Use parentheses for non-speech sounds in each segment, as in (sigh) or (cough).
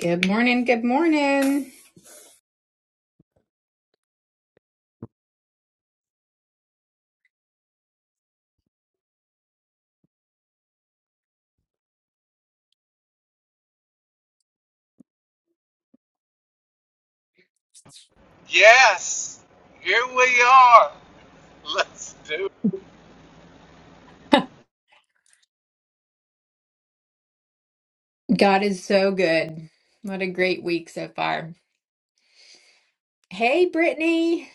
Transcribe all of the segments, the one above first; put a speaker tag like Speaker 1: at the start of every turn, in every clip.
Speaker 1: Good morning. Good morning.
Speaker 2: Yes, here we are. Let's do it.
Speaker 1: (laughs) God is so good. What a great week so far. Hey, Brittany.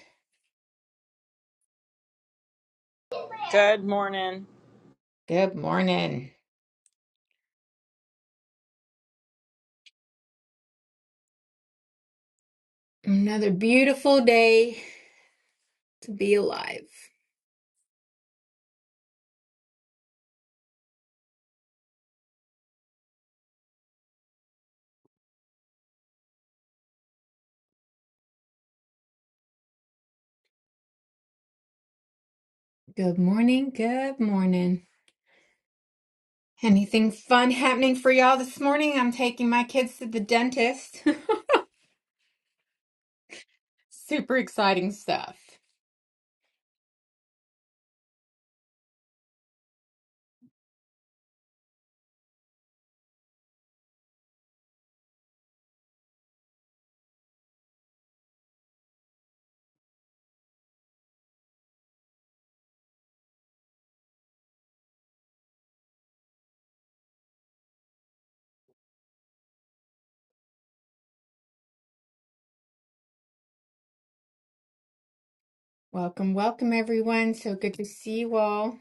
Speaker 3: Good morning.
Speaker 1: Good morning. Another beautiful day to be alive. Good morning. Good morning. Anything fun happening for y'all this morning? I'm taking my kids to the dentist. (laughs) Super exciting stuff. Welcome, welcome, everyone. So good to see you all.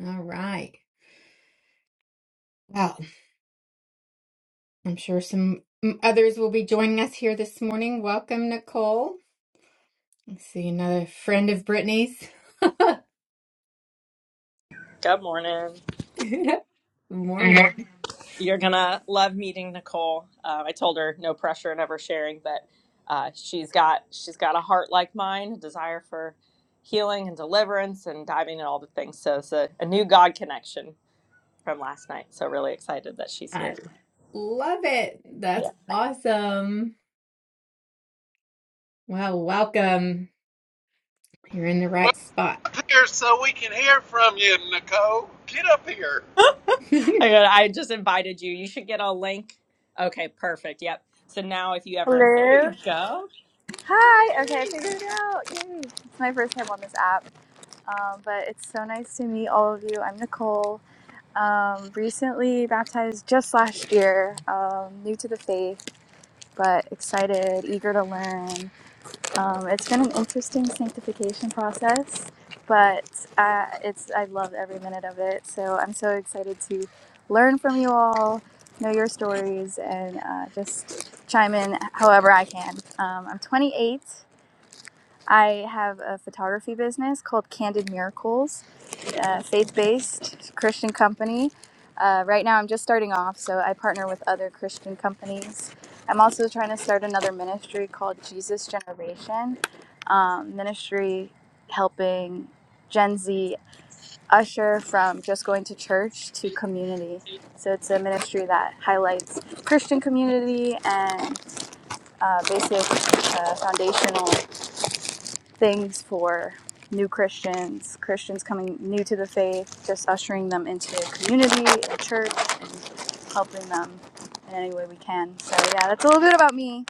Speaker 1: All right. Well, I'm sure some others will be joining us here this morning. Welcome, Nicole. I see another friend of Brittany's.
Speaker 3: Good morning.
Speaker 1: (laughs) Morning.
Speaker 3: You're gonna love meeting Nicole. Um, I told her no pressure and ever sharing, but uh, she's got she's got a heart like mine, a desire for healing and deliverance and diving in all the things. So it's a, a new God connection from last night. So really excited that she's
Speaker 1: I
Speaker 3: here.
Speaker 1: love it. That's
Speaker 3: Yeah,
Speaker 1: awesome. Well, welcome. You're in the
Speaker 2: We're
Speaker 1: right spot. (laughs)
Speaker 2: here so we can hear from you, Nicole. Get up here.
Speaker 3: I got, I just invited you. You should get a link. Okay, perfect. Yep. So now if you ever there you
Speaker 4: Hello.
Speaker 3: go.
Speaker 4: Hi. Okay, I figured it out. Yay. It's my first time on this app, um, but it's so nice to meet all of you. I'm Nicole, um, recently baptized just last year, um, new to the faith, but excited, eager to learn, um, it's been an interesting sanctification process, but uh, it's I love every minute of it. So I'm so excited to learn from you all, know your stories, and uh, just chime in however I can. Um, I'm 28. I have a photography business called Candid Miracles, uh, faith-based Christian company. Uh, right now, I'm just starting off, so I partner with other Christian companies. I'm also trying to start another ministry called Jesus Generation um, Ministry, helping Gen Z usher from just going to church to community. So it's a ministry that highlights Christian community and uh, basic uh, foundational things for new Christians, Christians coming new to the faith, just ushering them into community and church and helping them in any way we can. So yeah, that's a little bit about me.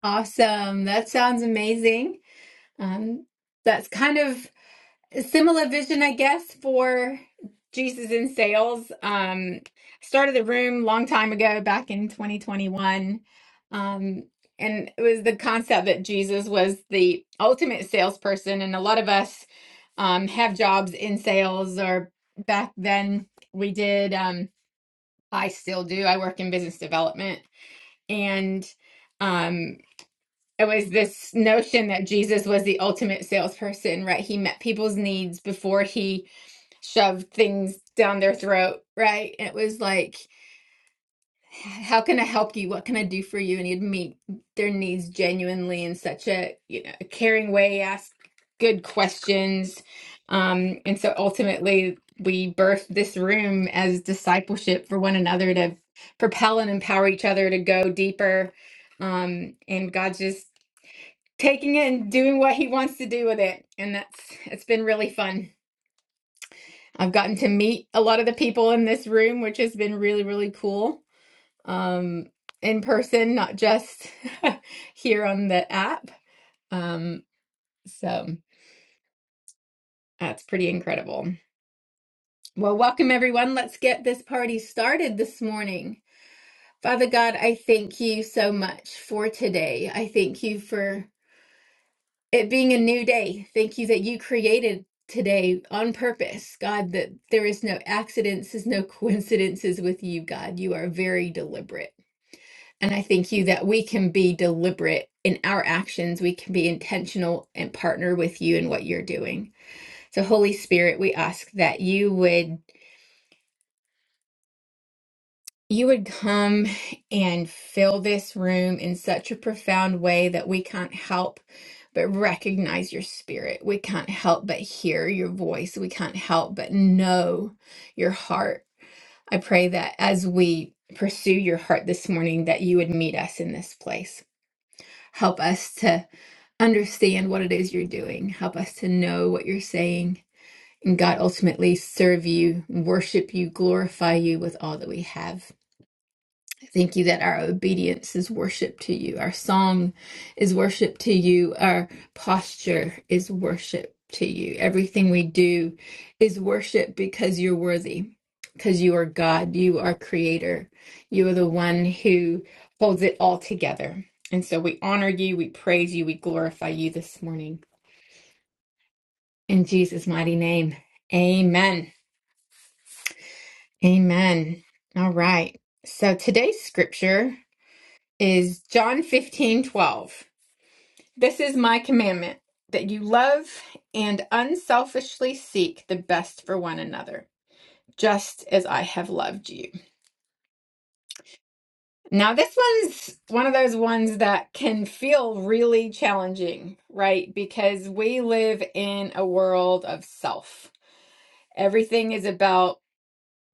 Speaker 1: Awesome. That sounds amazing. Um, that's kind of similar vision, I guess, for Jesus in Sales. Um, started the room long time ago, back in 2021. Um, and it was the concept that Jesus was the ultimate salesperson. And a lot of us um, have jobs in sales, or back then we did. Um, I still do. I work in business development. And um, it was this notion that Jesus was the ultimate salesperson, right? He met people's needs before he shove things down their throat, right? It was like, how can I help you? What can I do for you? And he'd meet their needs genuinely in such a, you know, a caring way, ask good questions. Um, and so ultimately, we birthed this room as discipleship for one another to propel and empower each other to go deeper. Um, and God just taking it and doing what he wants to do with it. And that's, it's been really fun. I've gotten to meet a lot of the people in this room, which has been really, really cool. Um, in person, not just (laughs) here on the app. Um, so that's pretty incredible. Well, welcome everyone. Let's get this party started this morning. Father God, I thank you so much for today. I thank you for it being a new day. Thank you that you created today on purpose, God, that there is no accidents, is no (laughs) coincidences with you, God. You are very deliberate. And I thank you that we can be deliberate in our actions. We can be intentional and partner with you in what you're doing. So, Holy Spirit, we ask that you would you would come and fill this room in such a profound way that we can't help but recognize your spirit. We can't help but hear your voice. We can't help but know your heart. I pray that as we pursue your heart this morning, that you would meet us in this place. Help us to understand what it is you're doing. Help us to know what you're saying. And God, ultimately, serve you, worship you, glorify you with all that we have. Thank you that our obedience is worship to you. Our song is worship to you. Our posture is worship to you. Everything we do is worship because you're worthy, because you are God. You are creator. You are the one who holds it all together. And so we honor you, we praise you, we glorify you this morning. In Jesus' mighty name, amen. Amen. All right. So today's scripture is John 15 12. This is my commandment that you love and unselfishly seek the best for one another, just as I have loved you. Now, this one's one of those ones that can feel really challenging, right? Because we live in a world of self. Everything is about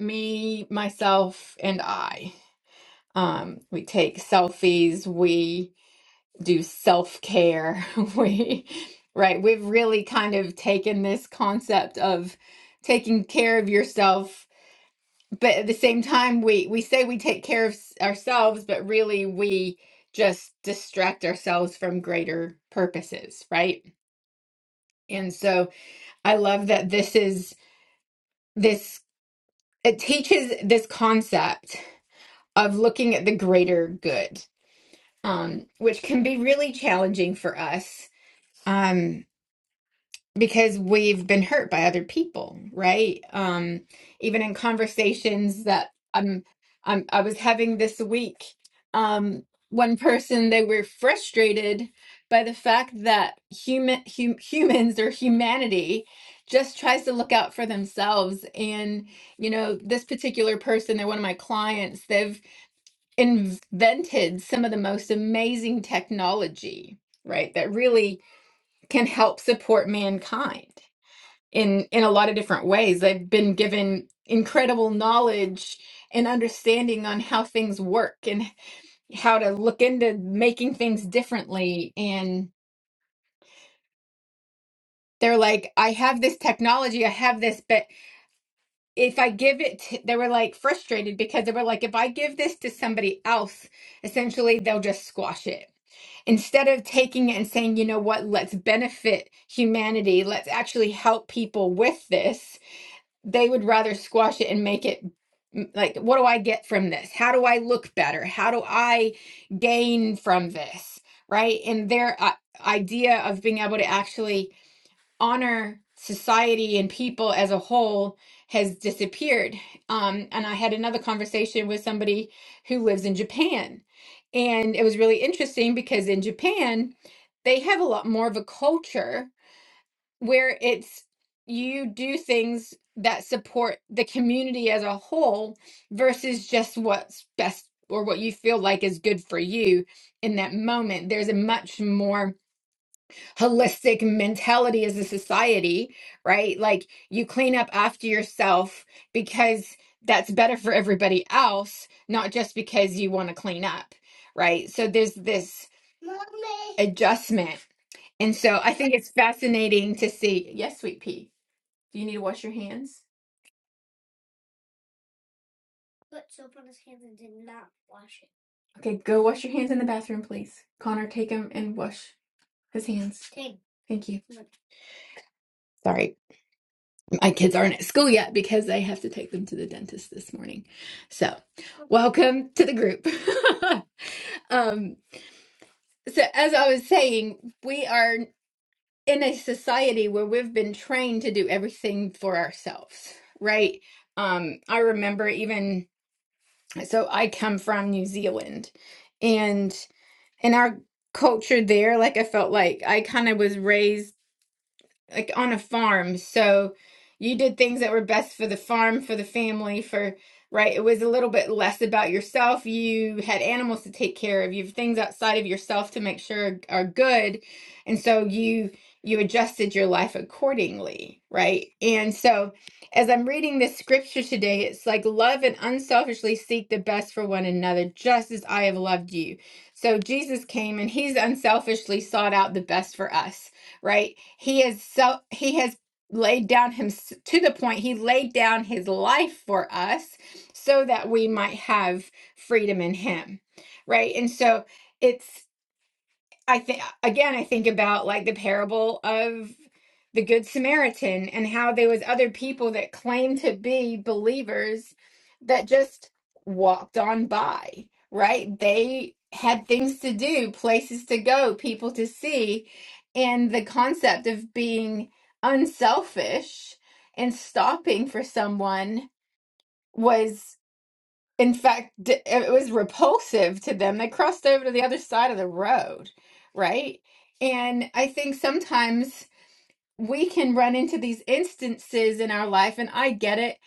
Speaker 1: me, myself, and I. Um, we take selfies, We do self-care. (laughs) We, right, we've really kind of taken this concept of taking care of yourself, but at the same time we we say we take care of s- ourselves, but really we just distract ourselves from greater purposes, right? And so I love that this is this it teaches this concept of looking at the greater good, um, which can be really challenging for us. Um, because we've been hurt by other people, right? Um, even in conversations that I'm, I'm, I was having this week, um, one person they were frustrated by the fact that human hum, humans or humanity just tries to look out for themselves and you know this particular person they're one of my clients they've invented some of the most amazing technology right that really can help support mankind in in a lot of different ways. They've been given incredible knowledge and understanding on how things work and how to look into making things differently and they're like I have this technology, I have this but if I give it to, they were like frustrated because they were like if I give this to somebody else, essentially they'll just squash it. Instead of taking it and saying, you know what, let's benefit humanity, let's actually help people with this they would rather squash it and make it like what do i get from this how do i look better how do i gain from this right and their uh, idea of being able to actually honor society and people as a whole has disappeared um, and i had another conversation with somebody who lives in japan and it was really interesting because in japan they have a lot more of a culture where it's you do things that support the community as a whole versus just what's best or what you feel like is good for you in that moment. There's a much more holistic mentality as a society, right? Like you clean up after yourself because that's better for everybody else, not just because you want to clean up, right? So there's this adjustment. And so I think it's fascinating to see. Yes, sweet pea. Do you need to wash your hands? Okay, go wash your hands in the bathroom, please. Connor, take him and wash his hands. Thank you. Sorry. my kids aren't at school yet because I have to take them to the dentist this morning. So, welcome to the group. (laughs) um, so, as I was saying, we are in a society where we've been trained to do everything for ourselves, right? Um, I remember even so, I come from New Zealand, and in our culture there, like I felt like I kind of was raised. like on a farm. So you did things that were best for the farm, for the family, for right. It was a little bit less about yourself. You had animals to take care of. You have things outside of yourself to make sure are good. And so you you adjusted your life accordingly, right? And so as I'm reading this scripture today, it's like love and unselfishly seek the best for one another, just as I have loved you. So Jesus came and he's unselfishly sought out the best for us right? He is so he has laid down him to the point he laid down his life for us so that we might have freedom in him. Right? And so it's I think again, I think about like the parable of the Good Samaritan and how there was other people that claimed to be believers that just walked on by, right? They had things to do, places to go, people to see, and the concept of being unselfish and stopping for someone was in fact, d- it was repulsive to them. They crossed over to the other side of the road, right? And I think sometimes we can run into these instances in our life, and I get it.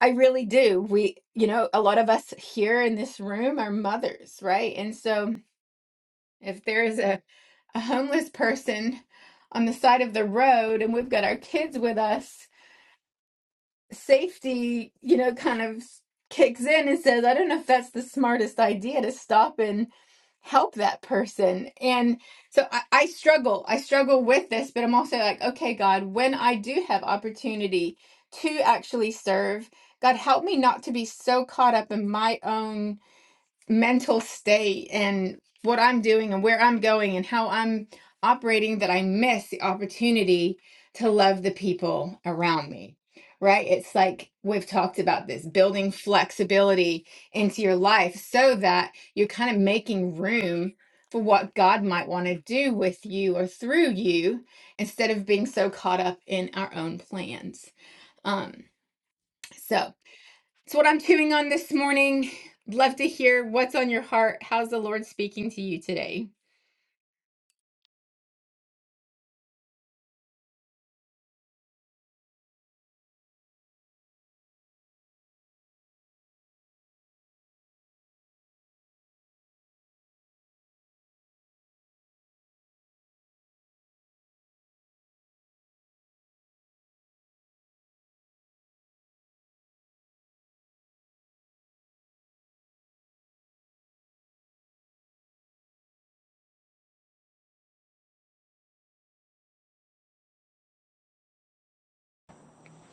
Speaker 1: I really do. We, you know, a lot of us here in this room are mothers, right? And so if there is a, a homeless person on the side of the road and we've got our kids with us, safety, you know, kind of kicks in and says, I don't know if that's the smartest idea to stop and help that person. And so I, I struggle. I struggle with this, but I'm also like, okay, God, when I do have opportunity to actually serve, God, help me not to be so caught up in my own mental state and what I'm doing and where I'm going and how I'm operating that I miss the opportunity to love the people around me. Right? It's like we've talked about this building flexibility into your life so that you're kind of making room for what God might want to do with you or through you instead of being so caught up in our own plans. Um, so it's what I'm chewing on this morning, love to hear what's on your heart. How's the Lord speaking to you today?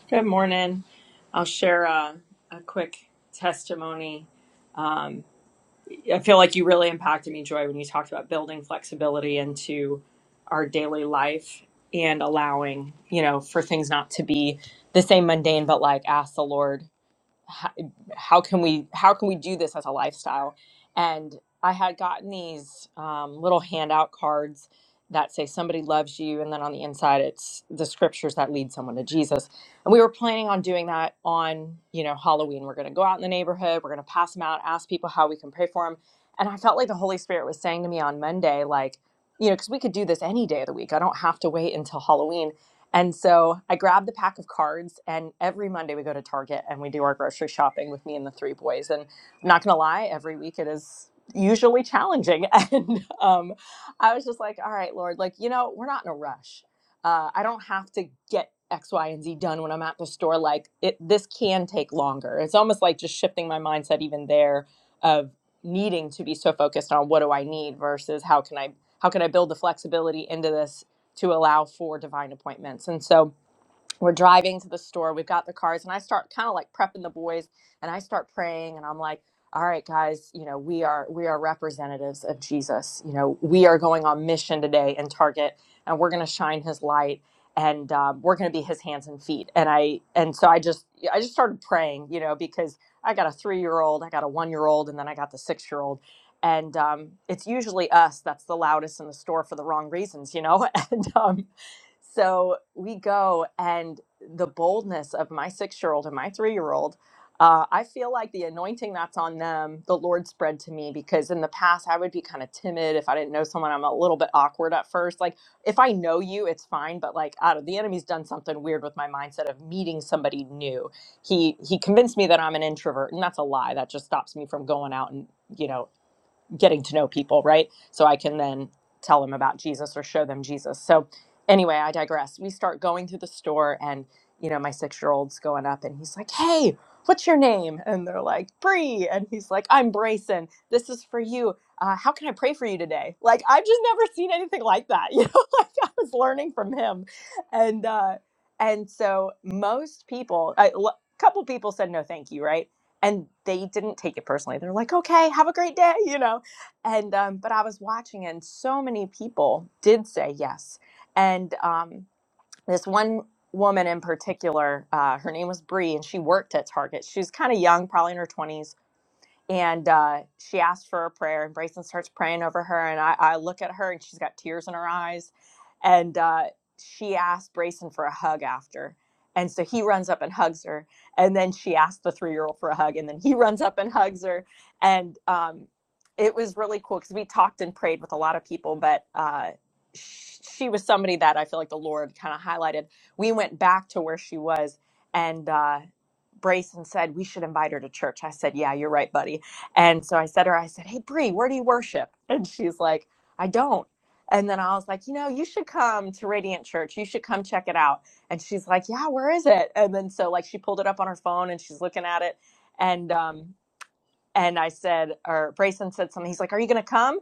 Speaker 3: Good morning. I'll share a, a quick testimony. Um, I feel like you really impacted me, Joy, when you talked about building flexibility into our daily life and allowing, you know, for things not to be the same mundane, but like ask the Lord how, how can we how can we do this as a lifestyle and i had gotten these um, little handout cards that say somebody loves you and then on the inside it's the scriptures that lead someone to jesus and we were planning on doing that on you know halloween we're going to go out in the neighborhood we're going to pass them out ask people how we can pray for them and i felt like the holy spirit was saying to me on monday like you know because we could do this any day of the week i don't have to wait until halloween and so I grabbed the pack of cards, and every Monday we go to Target and we do our grocery shopping with me and the three boys. And I'm not going to lie, every week it is usually challenging. (laughs) And um, I was just like, all right, Lord, like, you know, we're not in a rush. Uh, I don't have to get X, Y, and Z done when I'm at the store. Like, it, this can take longer. It's almost like just shifting my mindset even there of needing to be so focused on what do I need versus how can I. How can I build the flexibility into this to allow for divine appointments. And so we're driving to the store we've got the cars and i start kind of like prepping the boys and i start praying and i'm like all right guys you know we are we are representatives of jesus you know we are going on mission today in target and we're going to shine his light and um, we're going to be his hands and feet and i and so i just i just started praying you know because i got a three year old i got a one year old and then i got the six year old and um, it's usually us that's the loudest in the store for the wrong reasons you know (laughs) and um, so we go, and the boldness of my six year old and my three year old, uh, I feel like the anointing that's on them, the Lord spread to me because in the past I would be kind of timid if I didn't know someone. I'm a little bit awkward at first. Like if I know you, it's fine, but like I don't, the enemy's done something weird with my mindset of meeting somebody new. He he convinced me that I'm an introvert, and that's a lie. That just stops me from going out and you know getting to know people, right? So I can then tell them about Jesus or show them Jesus. So anyway, I digress. We start going through the store and you know, my 6-year-old's going up and he's like, "Hey, what's your name?" And they're like, "Bree." And he's like, "I'm Brayson. This is for you. Uh, how can I pray for you today?" Like I've just never (laughs) seen anything like that. (laughs) You know, like I was learning from him. And uh and so most people a l- couple people said no thank you, right? And they didn't take it personally. They're like, "Okay, have a great day," you know and um, but I was watching, and so many people did say yes. And um, this one woman in particular, uh, her name was Bree, and she worked at Target. She was kind of young, probably in her 20s and uh, she asked for a prayer and Brayson starts praying over her and I, I look at her and she's got tears in her eyes and uh, she asked Brayson for a hug after and so he runs up and hugs her and then she asked the three-year-old for a hug and then he (laughs) runs up and hugs her and um, it was really cool because we talked and prayed with a lot of people but uh, sh- she was somebody that I feel like the Lord kind of highlighted. We went back to where she was, and uh, Brayson said, We should invite her to church. I said, Yeah, you're right, buddy. And so I said to her, I said, Hey, Bree, where do you worship? (laughs) And she's like, I don't. And then I was like, You know, you should come to Radiant Church. You should come check it out. And she's like, Yeah, where is it? And then so, like, she pulled it up on her phone and she's looking at it. And, um, and I said, or Brayson said something. He's like, Are you going to come?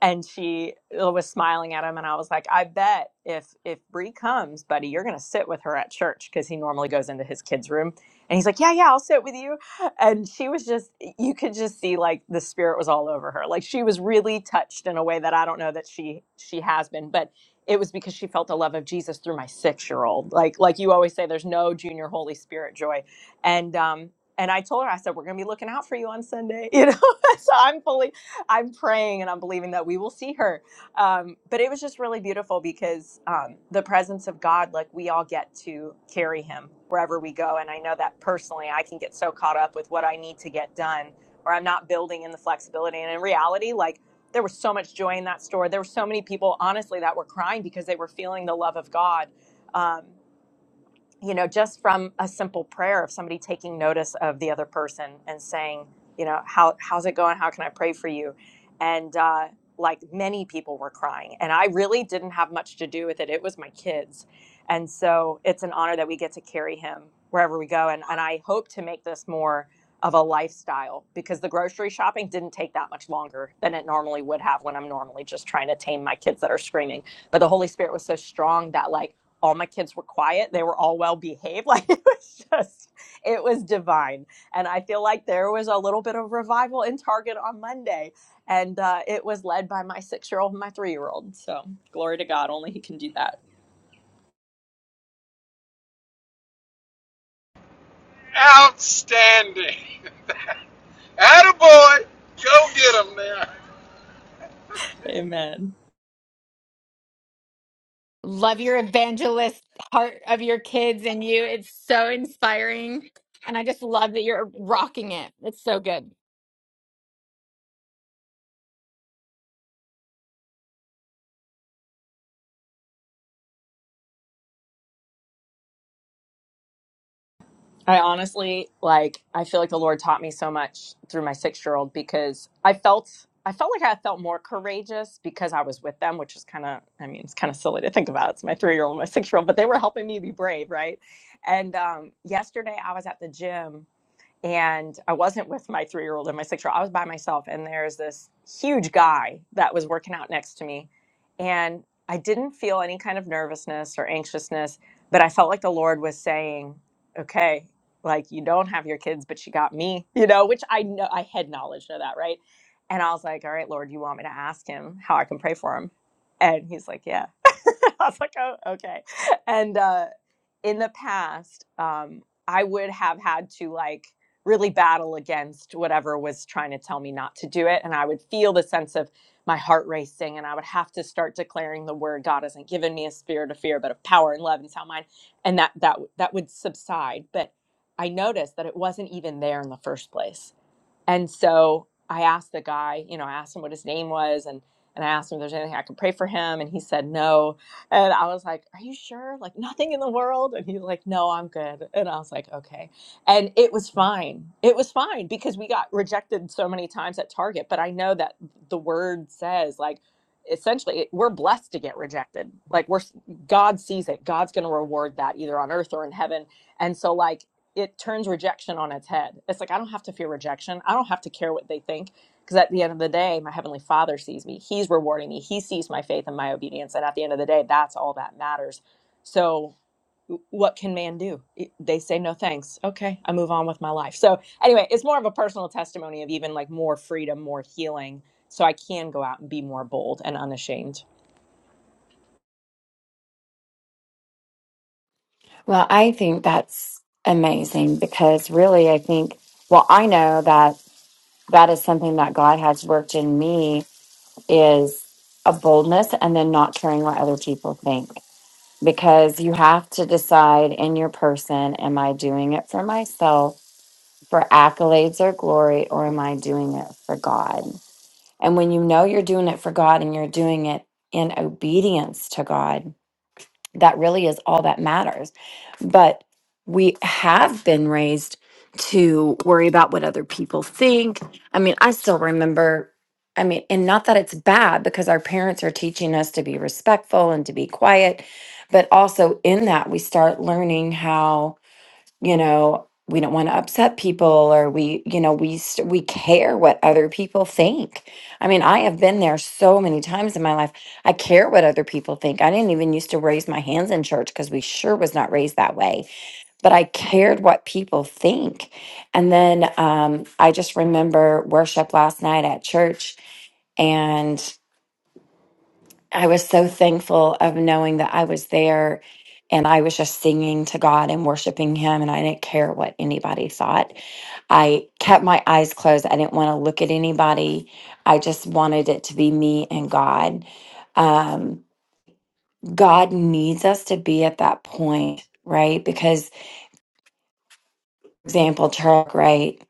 Speaker 3: and she uh, was smiling at him and i was like i bet if if bree comes buddy you're gonna sit with her at church because he normally goes into his kids room and he's like yeah yeah i'll sit with you and she was just you could just see like the spirit was all over her like she was really touched in a way that i don't know that she she has been but it was because she felt the love of jesus through my six year old like like you always say there's no junior holy spirit joy and um and i told her i said we're gonna be looking out for you on sunday you know (laughs) so i'm fully I'm praying and I'm believing that we will see her. Um, but it was just really beautiful because um, the presence of God, like we all get to carry Him wherever we go. And I know that personally, I can get so caught up with what I need to get done, or I'm not building in the flexibility. And in reality, like there was so much joy in that store. There were so many people, honestly, that were crying because they were feeling the love of God. Um, you know, just from a simple prayer of somebody taking notice of the other person and saying, you know, how how's it going? How can I pray for you? And uh, like many people were crying, and I really didn't have much to do with it. It was my kids, and so it's an honor that we get to carry him wherever we go. And and I hope to make this more of a lifestyle because the grocery shopping didn't take that much longer than it normally would have when I'm normally just trying to tame my kids that are screaming. But the Holy Spirit was so strong that like all my kids were quiet. They were all well behaved. (laughs) Like it was just, it was divine. And I feel like there was a little bit of revival in Target on Monday. And uh, it was led by my six year old and my three year old. So glory to God. Only He can do that.
Speaker 2: Outstanding. Attaboy. Go get him now.
Speaker 3: Amen.
Speaker 1: Love your evangelist heart of your kids and you. It's so inspiring. And I just love that you're rocking it. It's so good.
Speaker 3: I honestly like I feel like the Lord taught me so much through my 6-year-old because I felt I felt like I felt more courageous because I was with them, which is kind of I mean, it's kind of silly to think about. It's my 3-year-old and my 6-year-old, but they were helping me be brave, right? And um yesterday I was at the gym and I wasn't with my three year old and my six year old. I was by myself, and there's this huge guy that was working out next to me. And I didn't feel any kind of nervousness or anxiousness, but I felt like the Lord was saying, okay, like you don't have your kids, but you got me, you know, which I know I had knowledge of that, right? And I was like, all right, Lord, you want me to ask him how I can pray for him? And he's like, yeah. (laughs) I was like, oh, okay. And uh, in the past, um, I would have had to like really battle against whatever was trying to tell me not to do it. And I would feel the sense of my heart racing, and I would have to start declaring the word God hasn't given me a spirit of fear, but of power and love and sound mind. And that that that would subside. But I noticed that it wasn't even there in the first place. And so I asked the guy, you know, I asked him what his name was and and I asked him if there's anything I could pray for him and he said no. And I was like, Are you sure? Like nothing in the world? And he's like, No, I'm good. And I was like, Okay. And it was fine. It was fine because we got rejected so many times at Target. But I know that the word says like essentially it- we're blessed to get rejected. Like we're God sees it. God's gonna reward that either on earth or in heaven. And so like it turns rejection on its head. It's like I don't have to fear rejection. I don't have to care what they think because at the end of the day, my heavenly Father sees me. He's rewarding me. He sees my faith and my obedience, and at the end of the day, that's all that matters. So, what can man do? It- They say no thanks. Okay, I move on with my life. So, anyway, it's more of a personal testimony of even like more freedom, more healing so I can go out and be more bold and unashamed.
Speaker 5: Well, I think that's amazing because really, I think, well, I know that that is something that God has worked in me is a boldness and then not caring what other people think because you have to decide in your person, am I doing it for myself for accolades or glory or am I doing it for God? And when you know you're doing it for God and you're doing it in obedience to God, that really is all that matters. But we have been raised to worry about what other people think. I mean, I still remember, I mean, and not that it's bad because our parents are teaching us to be respectful and to be quiet, but also in that we start learning how you know we don't want to upset people or we you know we st- we care what other people think i mean i have been there so many times in my life i care what other people think i didn't even used to raise my hands in church because we sure was not raised that way but i cared what people think and then um, i just remember worship last night at church and. I was so thankful of knowing that I was there and I was just singing to God and worshiping Him, and I didn't care what anybody thought. I kept my eyes closed. I didn't want to look at anybody. I just wanted it to be me and God. Um, God needs us to be at that point, right? Because example, Charles Wright,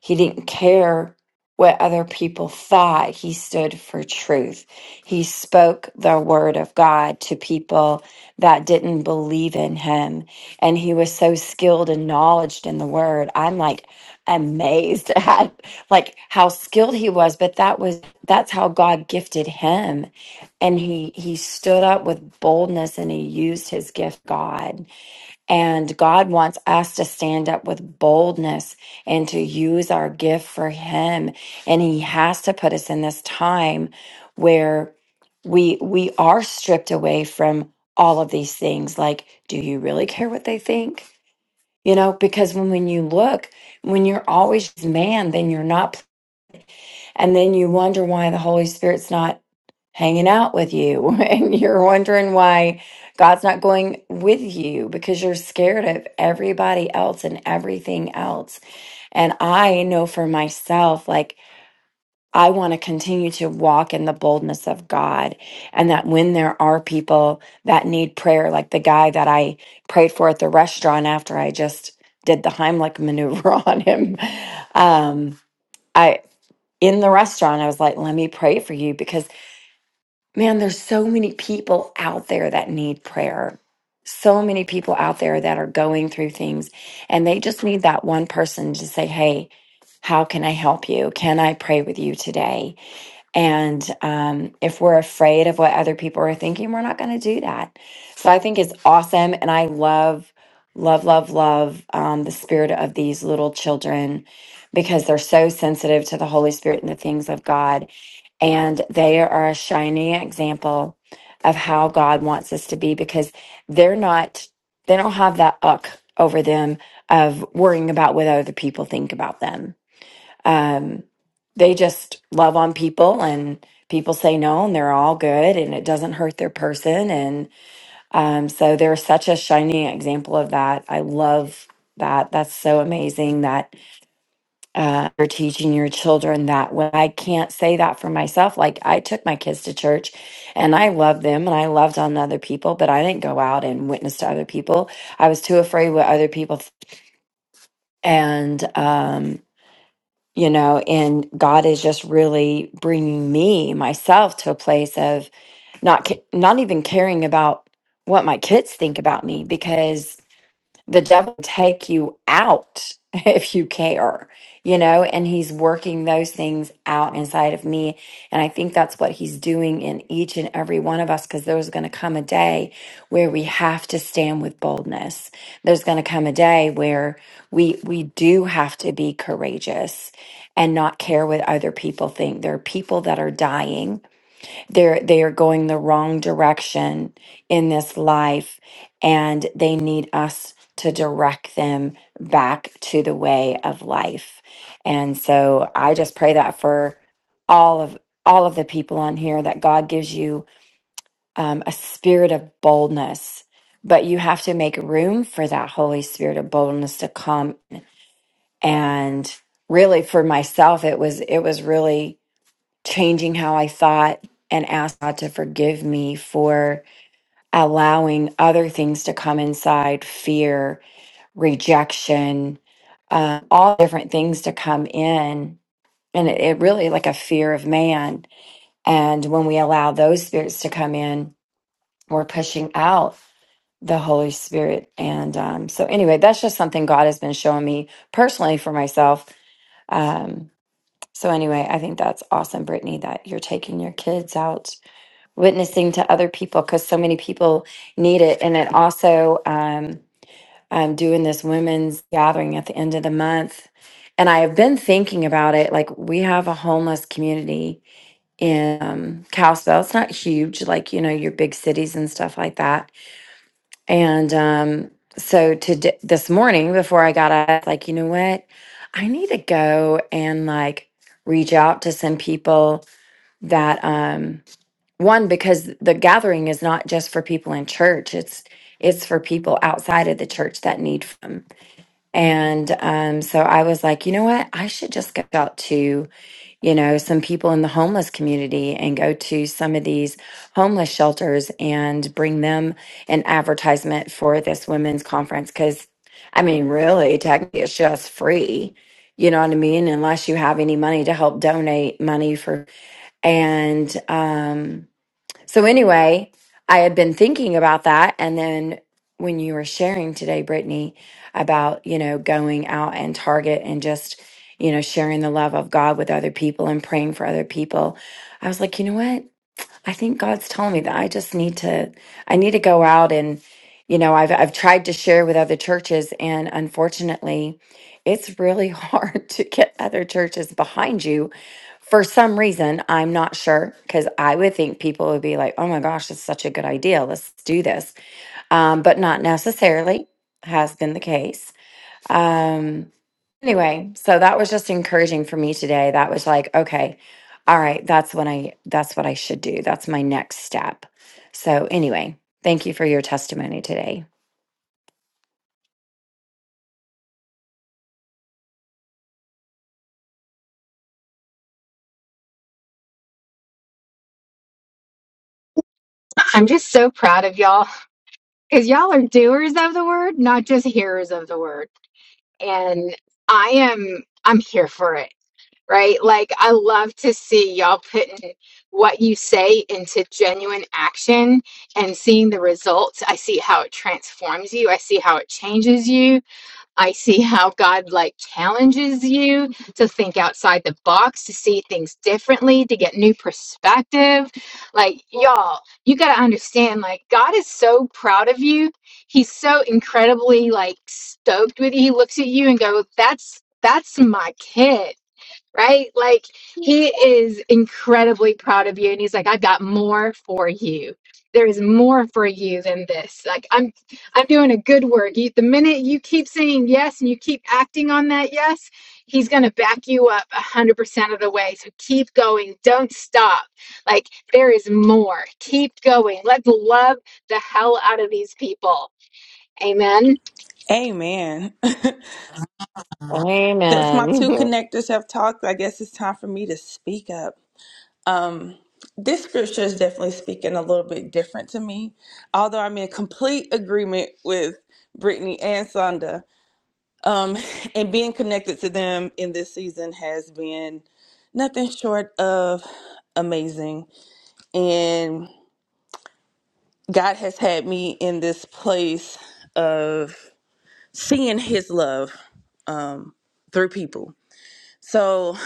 Speaker 5: he didn't care what other people thought. He stood for truth. He spoke the word of God to people that didn't believe in him. And he was so skilled and knowledged in the word. I'm like amazed (laughs) at like how skilled he was, but that was that's how God gifted him. And he he stood up with boldness and he used his gift God. And God wants us to stand up with boldness and to use our gift for Him. And He has to put us in this time where we we are stripped away from all of these things. Like, do you really care what they think? You know, because when, when you look, when you're always man, then you're not, and then you wonder why the Holy Spirit's not hanging out with you (laughs) and you're wondering why God's not going with you because you're scared of everybody else and everything else. And I know for myself, like, I want to continue to walk in the boldness of God. And that when there are people that need prayer, like the guy that I prayed for at the restaurant after I just did the Heimlich maneuver (laughs) on him, um, I, in the restaurant, I was like, let me pray for you because Man, there's so many people out there that need prayer. So many people out there that are going through things and they just need that one person to say, Hey, how can I help you? Can I pray with you today? And um, if we're afraid of what other people are thinking, we're not going to do that. So I think it's awesome. And I love, love, love, love um, the spirit of these little children because they're so sensitive to the Holy Spirit and the things of God. And they are a shining example of how God wants us to be because they're not, they don't have that uck over them of worrying about what other people think about them um, they just love on people and people say no and they're all good and it doesn't hurt their person and um, so they're such a shining example of that i love that that's so amazing that uh, you're teaching your children that when i can't say that for myself like i took my kids to church and i loved them and i loved on other people but i didn't go out and witness to other people i was too afraid what other people and um, you know, and God is just really bringing me myself to a place of not ca- not even caring about what my kids think about me because the devil will take you out (laughs) if you care, you know, and he's working those things out inside of me. And I think that's what he's doing in each and every one of us because there's going to come a day where we have to stand with boldness. There's going to come a day where we we do have to be courageous and not care what other people think. There are people that are dying they're they are going the wrong direction in this life and they need us to direct them back to the way of life and so i just pray that for all of all of the people on here that god gives you um, a spirit of boldness but you have to make room for that holy spirit of boldness to come and really for myself it was it was really changing how I thought and asked God to forgive me for allowing other things to come inside fear, rejection, uh, all different things to come in. And it, it really like a fear of man. And when we allow those spirits to come in, we're pushing out the Holy Spirit. And um, so, anyway, that's just something God has been showing me personally for myself. Um, so, anyway, I think that's awesome, Brittany, that you're taking your kids out witnessing to other people because so many people need it. And it also, um, I'm doing this women's gathering at the end of the month. And I have been thinking about it. Like, we have a homeless community in um, Kalispell. It's not huge, like, you know, your big cities and stuff like that. And um, so to d- this morning, before I got up, I was like, you know what? I need to go and like reach out to some people that, um, one because the gathering is not just for people in church it's it's for people outside of the church that need them and um so i was like you know what i should just go out to you know some people in the homeless community and go to some of these homeless shelters and bring them an advertisement for this women's conference cuz i mean really technically it's just free you know what i mean unless you have any money to help donate money for and um so anyway, I had been thinking about that, and then when you were sharing today, Brittany, about you know going out and target and just you know sharing the love of God with other people and praying for other people, I was like, you know what? I think God's telling me that I just need to I need to go out and you know, I've I've tried to share with other churches and unfortunately it's really (laughs) hard to get other churches behind you for some reason. I'm not sure because I would think people would be like, "Oh my gosh, it's such a good idea. Let's do this." Um, but not necessarily has been the case. Um Anyway, so that was just encouraging for me today. That was like, okay, all right, that's what I that's what I should do. That's my next step. So anyway, thank you for your testimony today.
Speaker 1: I'm just so proud of y'all because y'all are doers of the word, not just hearers of the word. And I am, I'm here for it. right? Like, I love to see y'all putting what you say into genuine action and seeing the results. I see how it transforms you. I see how it changes you. I see how God, like, challenges you to think outside the box, to see things differently, to get new perspective. Like, y'all, you got to understand, like, God is so proud of you. He's so incredibly, like, stoked with you. He looks at you and go, that's. That's my kid right? Like he is incredibly proud of you and he's like I've got more for you. There is more for you than this. Like I'm I'm doing a good work. You, the minute you keep saying yes and you keep acting on that yes, he's going to back you up 100% of the way. So keep going. Don't stop. Like there is more. Keep going. Let's love the hell out of these people. Amen.
Speaker 6: Amen. (laughs) Since my
Speaker 5: (laughs)
Speaker 6: two
Speaker 5: I
Speaker 6: connectors have talked, I guess it's time for me to speak up. Um, this scripture is definitely speaking a little bit different to me, although I'm in complete agreement with Brittany and Sonda. Um, (laughs) and being connected to them in this season has been nothing short of amazing. And God has had me in this place of seeing His love um, through people. So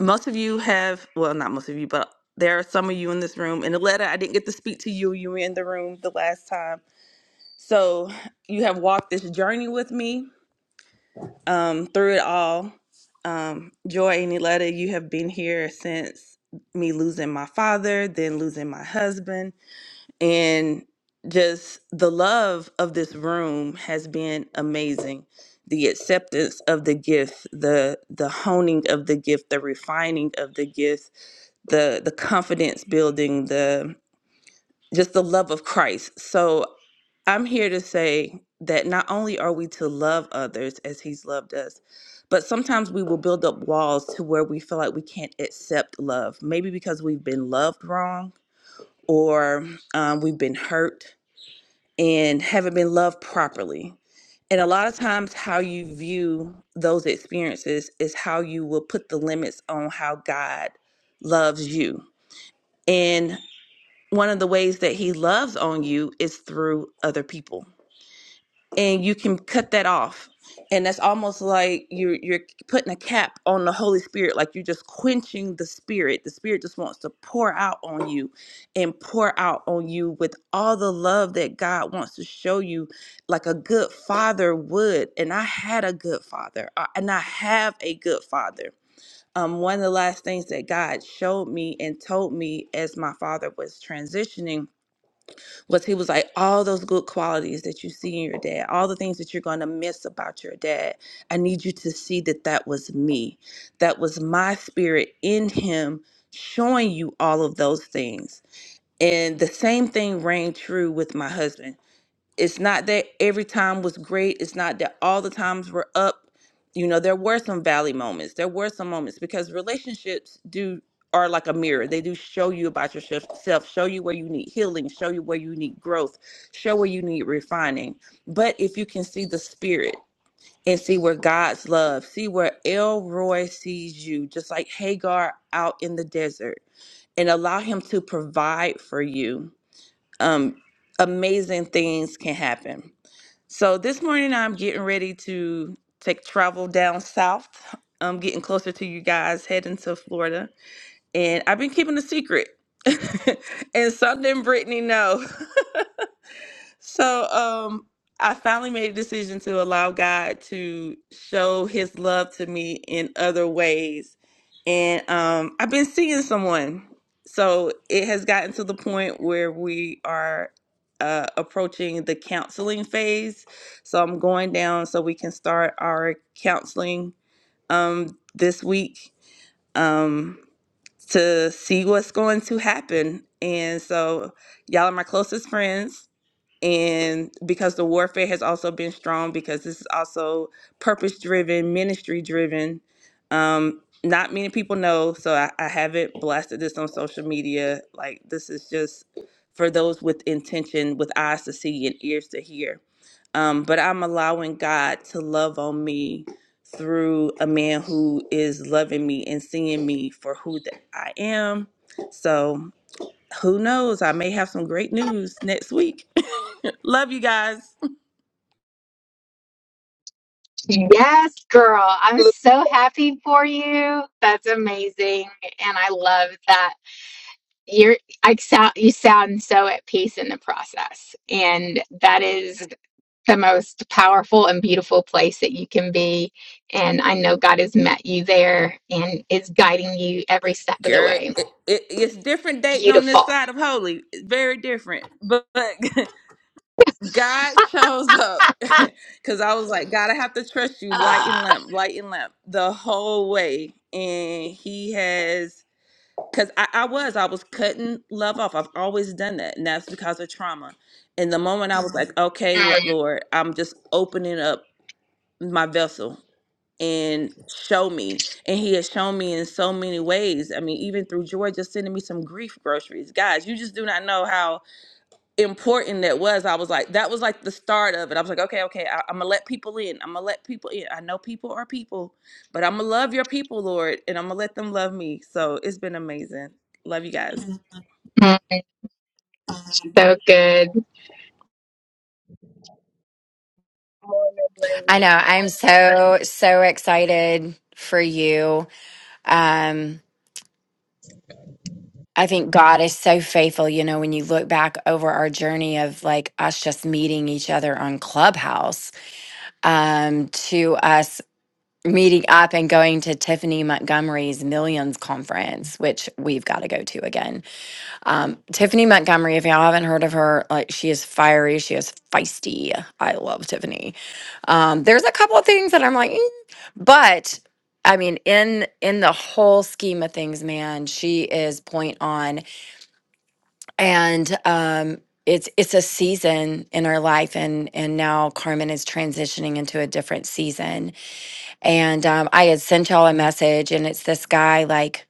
Speaker 6: most of you have well not most of you but there are some of you in this room in the letter i didn't get to speak to you you were in the room the last time so you have walked this journey with me um, through it all um, joy and Niletta, you have been here since me losing my father then losing my husband and just the love of this room has been amazing the acceptance of the gift the the honing of the gift the refining of the gift the the confidence building, the just the love of Christ. So I'm here to say that not only are we to love others as he's loved us, but sometimes we will build up walls to where we feel like we can't accept love, maybe because we've been loved wrong or um, we've been hurt and haven't been loved properly. And a lot of times, how you view those experiences is how you will put the limits on how God loves you. And one of the ways that he loves on you is through other people and you can cut that off and that's almost like you're you're putting a cap on the holy spirit like you're just quenching the spirit the spirit just wants to pour out on you and pour out on you with all the love that god wants to show you like a good father would and i had a good father I- and i have a good father um, one of the last things that god showed me and told me as my father was transitioning was he was like all those good qualities that you see in your dad all the things that you're going to miss about your dad i need you to see that that was me that was my spirit in him showing you all of those things and the same thing rang true with my husband it's not that every time was great. It's not that all the times were up. You know, there were some valley moments. There were some moments because relationships do are like a mirror. They do show you about yourself, show you where you need healing, show you where you need growth, show where you need refining. But if you can see the spirit and see where God's love, see where Elroy sees you, just like Hagar out in the desert, and allow him to provide for you, um, amazing things can happen so this morning I'm getting ready to take travel down south. I'm getting closer to you guys, heading to Florida. And I've been keeping a secret. (laughs) and some didn't Brittany know. So um I finally made a decision to allow God to show his love to me in other ways. And um I've been seeing someone. So it has gotten to the point where we are uh, approaching the counseling phase. So I'm going down so we can start our counseling um this week um to see what's going to happen. And so y'all are my closest friends and because the warfare has also been strong because this is also purpose driven ministry driven um not many people know so I, I haven't blasted this on social media like this is just for those with intention with eyes to see and ears to hear um but i'm allowing god to love on me through a man who is loving me and seeing me for who that i am so who knows i may have some great news next week (laughs) Love you guys.
Speaker 1: Yes, girl. I'm
Speaker 7: Good
Speaker 1: so happy for you. That's amazing. And I love that you're I sound you sound so at peace in the process. And that is the most powerful and beautiful place that you can be. And I know God has met you there and is guiding you every step of the
Speaker 6: Girl,
Speaker 1: way.
Speaker 6: it, it, it's different dating on this
Speaker 1: Beautiful.
Speaker 6: side of holy. It's very different. But, but (laughs) God shows up (laughs)
Speaker 1: (laughs)
Speaker 6: because I was like, God, I have to trust
Speaker 1: Ah,
Speaker 6: you, light and
Speaker 1: ah.
Speaker 6: lamp, light and lamp, the whole way. And He has, because I, I was, I was cutting love off. I've always done that. And that's because of trauma. And the moment I was like, okay, Lo-
Speaker 1: Mm,
Speaker 6: Lord, I'm just opening up my vessel and show me. And he has shown me in so many ways. I mean, even through Georgia sending me some grief groceries. Guys, you just do not know how important that was. I was like, that was like the start of it. I was like, okay, okay, I, I'm gonna let people in. I'm gonna let people in. I know people are people, but I'm gonna love your people, Lord, and I'm gonna let them love me. So it's been amazing. Love you guys.
Speaker 1: so good.
Speaker 7: morning.
Speaker 5: know.
Speaker 7: ladies.
Speaker 5: I'm so, so excited for you. Um, I think God is so faithful. You know, when you look back over our journey of like us just meeting each other on Clubhouse, um, to us meeting up and going to Tiffany Montgomery's Millions Conference, which we've got to go to again. Um, Tiffany Montgomery, if y'all haven't heard of her, like she is fiery, she is feisty. I love Tiffany. Um, there's a couple of things that I'm like, "Mm," but I mean, in in the whole scheme of things, man, she is point on, and um, it's it's a season in our life, and and now Carmen is transitioning into a different season and um, I had sent y'all a message, and it's this guy like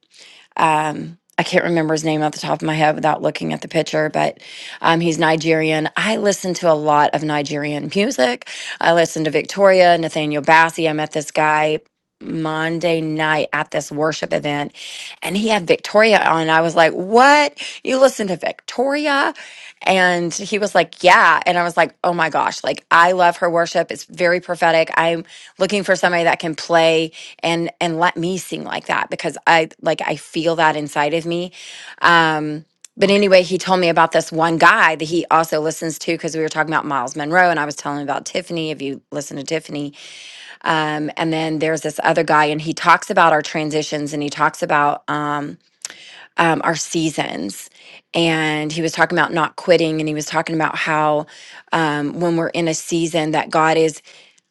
Speaker 5: um, I can't remember his name off the top of my head without looking at the picture, but um, he's Nigerian. I listen to a lot of Nigerian music. I listen to Victoria, Nathaniel Bassey. I met this guy Monday night at this worship event, and he had Victoria on. I was like, "What? You listen to Victoria?" And he was like, "Yeah," and I was like, "Oh my gosh! Like I love her worship. It's very prophetic. I'm." looking for somebody that can play and and let me sing like that because i like i feel that inside of me um but anyway he told me about this one guy that he also listens to because we were talking about miles monroe and i was telling him about tiffany if you listen to tiffany um, and then there's this other guy and he talks about our transitions and he talks about um, um, our seasons. And he was talking about not quitting, and he was talking about how um, when we're in a season that God is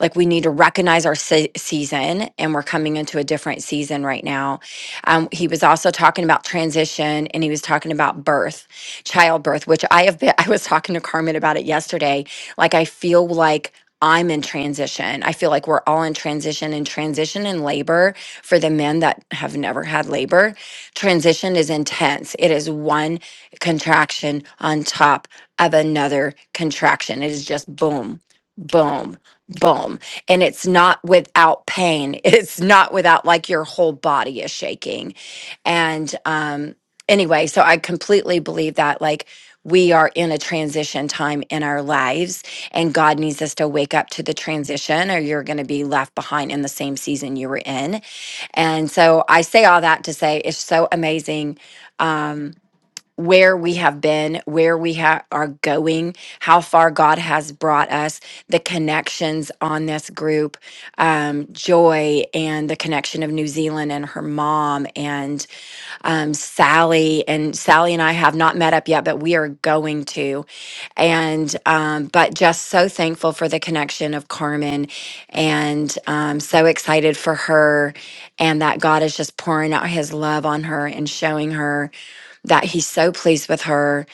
Speaker 5: like we need to recognize our se- season, and we're coming into a different season right now. Um, he was also talking about transition, and he was talking about birth, childbirth, which I have been. (laughs) I was talking to Carmen about it yesterday. Like I feel like. I'm in transition. I feel like we're all in transition and transition and labor for the men that have never had labor transition is intense. It is one contraction on top of another contraction. It is just boom, boom, boom. And it's not without pain. (laughs) It's not without like your whole body is shaking. And um anyway, so I completely believe that like we are in a transition time in our lives and God needs us to wake up to the transition or you're going to be left behind in the same season you were in and so I say all that to say it's so amazing um, where we have been, where we ha- are going, how far God has brought us, the connections on this group, um, Joy and the connection of New Zealand and her mom, and um, Sally, and Sally and I have not met up yet, but we are going to. And um, but just so thankful for the connection of Carmen, and um, so excited for her, and that God is just pouring out His love on her and showing her that He's so pleased with her.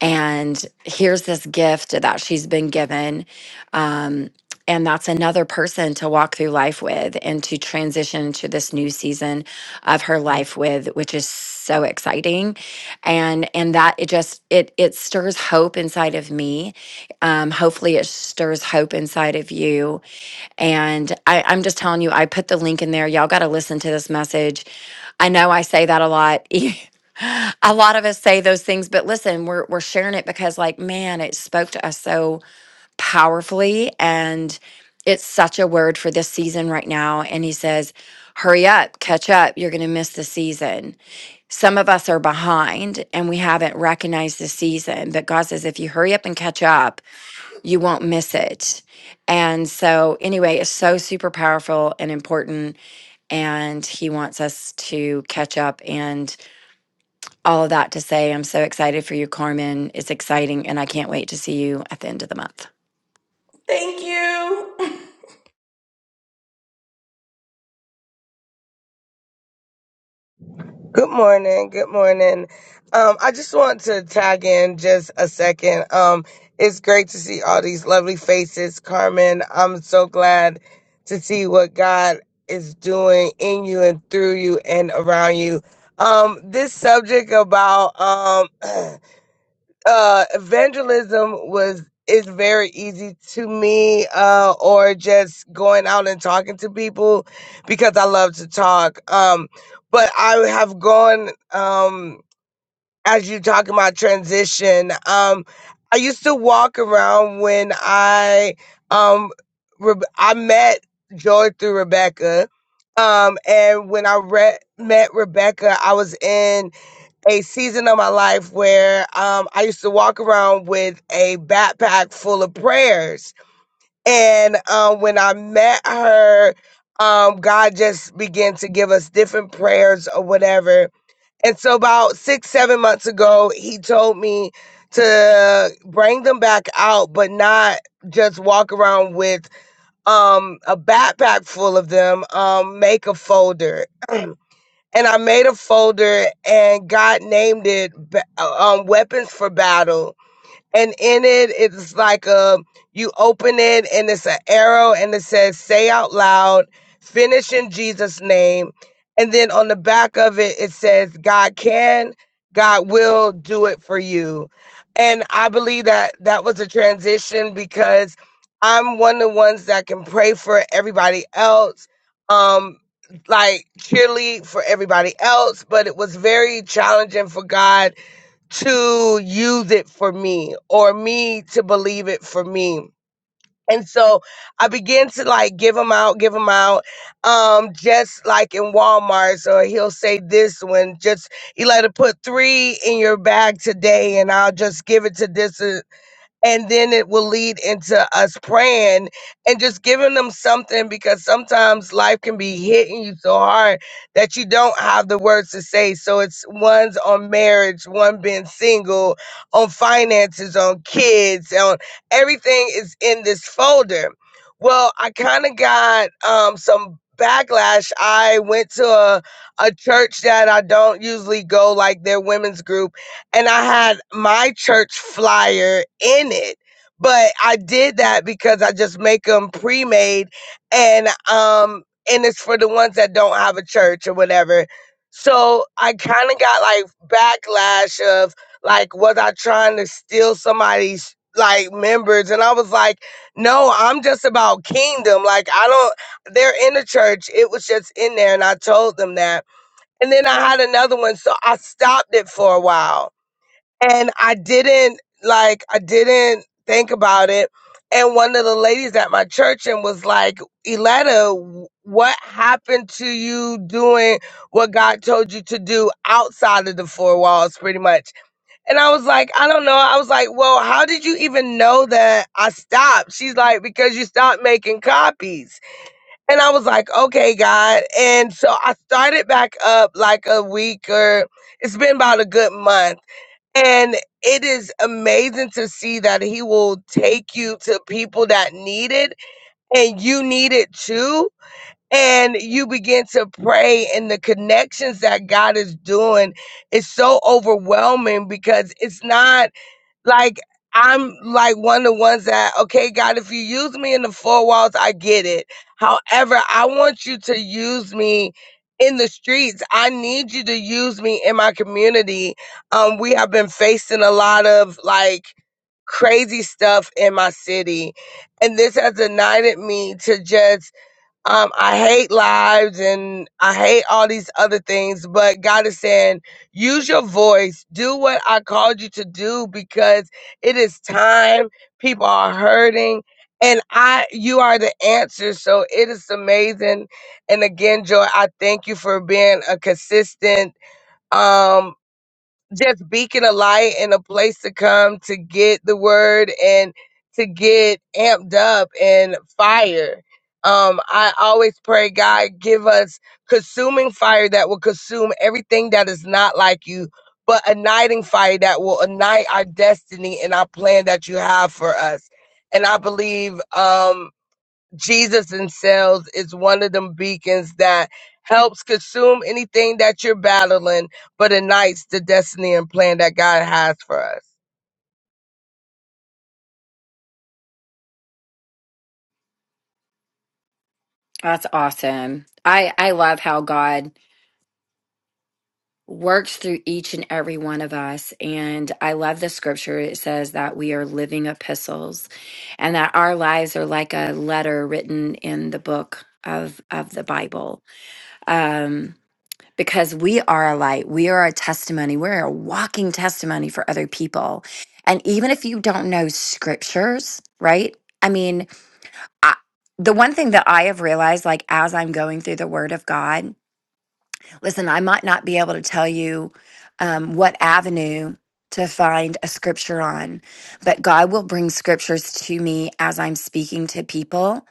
Speaker 5: And here's this gift that she's been given. um, and that's another person to walk through life with and to transition to this new season of her life with which is so exciting and and that it just it it stirs hope inside of me um hopefully it stirs hope inside of you and I, i'm just telling you i put the link in there y'all got to listen to this message i know i say that a lot (laughs) a lot of us say those things but listen we're we're sharing it because like man it spoke to us so powerfully. And it's such a word for this season right now. And he says, Hurry up, catch up. You're going to miss the season. Some of us are behind and we haven't recognized the season. But God says, if you hurry up and catch up, you won't miss it. And so, anyway, it's so super powerful and important. And he wants us to catch up and all of that to say, I'm so excited for you, Carmen. It's exciting. And I can't wait to see you at the end of the month.
Speaker 6: Thank you. (laughs)
Speaker 7: Good morning. Good morning. Um, I just want to tag in just a second. Um, it's great to see all these lovely faces, Carmen. I'm so glad to see what God is doing in you and through you and around you. Um, this subject about um (clears throat) uh evangelism was is very easy to me uh or just going out and talking to people because I love to talk um but I have gone um as you talking about transition um I used to walk around when I um re- I met Joy through Rebecca um and when I re- met Rebecca I was in a season of my life where um, I used to walk around with a backpack full of prayers. And um, when I met her, um, God just began to give us different prayers or whatever. And so, about six, seven months ago, he told me to bring them back out, but not just walk around with um, a backpack full of them. Um, make a folder and I made a folder and God named it ba- uh, um, Weapons for Battle and in it it's like a you open it and it's an arrow and it says say out loud finish in jesus name and then on the back of it it says god can god will do it for you and i believe that that was a transition because i'm one of the ones that can pray for everybody else um like cheerlead for everybody else but it was very challenging for god to use it for me or me to believe it for me. And so I began to like give him out, give him out. Um, just like in Walmart, so he'll say this one, just you let it put three in your bag today, and I'll just give it to this. uh, and then it will lead into us praying and just giving them something because sometimes life can be hitting you so hard that you don't have the words to say. So it's one's on marriage, one being single, on finances, on kids, on everything is in this folder. Well, I kind of got um, some backlash. I went to a, a church that I don't usually go, like their women's group and I had my church flyer in it. But I did that because I just make them pre-made and um and it's for the ones that don't have a church or whatever. So I kind of got like backlash of like was I trying to steal somebody's like members and I was like no I'm just about kingdom like I don't they're in the church it was just in there and I told them that and then I had another one so I stopped it for a while and I didn't like I didn't think about it. And one of the ladies at my church and was like, "Eletta, what happened to you doing what God told you to do outside of the four walls, pretty much?" And I was like, "I don't know." I was like, "Well, how did you even know that I stopped?" She's like, "Because you stopped making copies." And I was like, "Okay, God." And so I started back up like a week or it's been about a good month and it is amazing to see that he will take you to people that need it and you need it too. And you begin to pray, and the connections that God is doing is so overwhelming because it's not. Like I'm like one of the ones that, okay, God, if you use me in the four walls, I get it. However, I want you to use me in the streets. I need you to use me in my community. Um, we have been facing a lot of like crazy stuff in my city. And this has ignited me to just um, I hate lives and I hate all these other things, but God is saying, use your voice, do what I called you to do because it is time. People are hurting, and I, you are the answer. So it is amazing. And again, Joy, I thank you for being a consistent. Um just beacon a light and a place to come to get the word and to get amped up and fire. Um, I always pray, God, give us consuming fire that will consume everything that is not like you, but igniting fire that will ignite our destiny and our plan that you have for us. And I believe um, Jesus in Sales is one of them beacons that helps consume anything that you're battling, but ignites the destiny and plan that God has for us.
Speaker 5: That's awesome. I I love how God works through each and every one of us and I love the scripture it says that we are living epistles and that our lives are like a letter written in the book of of the Bible. Um because we are a light, we are a testimony, we're a walking testimony for other people. And even if you don't know scriptures, right? I mean, I, the one thing that I have realized, like as I'm going through the Word of God, Listen, I might not be able to tell you um, what avenue to find a scripture on, but God will bring scriptures to me as I'm speaking to people.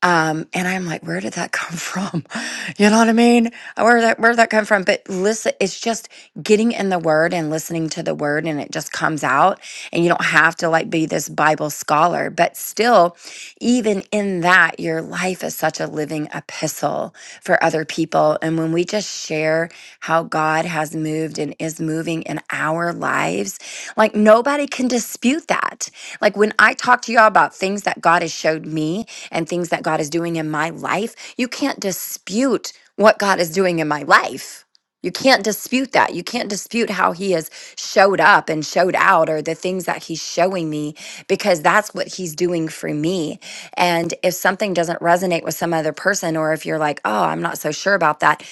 Speaker 5: Um, and I'm like, where did that come from? (laughs) You know what I mean? Where that where did that come from? But listen, it's just getting in the word and listening to the word and it just comes out. And you don't have to like be this Bible scholar, but still, even in that, your life is such a living epistle for other people. And when we just share how God has moved and is moving in our lives, like nobody can dispute that. Like when I talk to y'all about things that God has showed me and things that God is doing in my life, you can't dispute what God is doing in my life. You can't dispute that. You can't dispute how he has showed up and showed out or the things that he's showing me because that's what he's doing for me. And if something doesn't resonate with some other person, or if you're like, oh, I'm not so sure about that,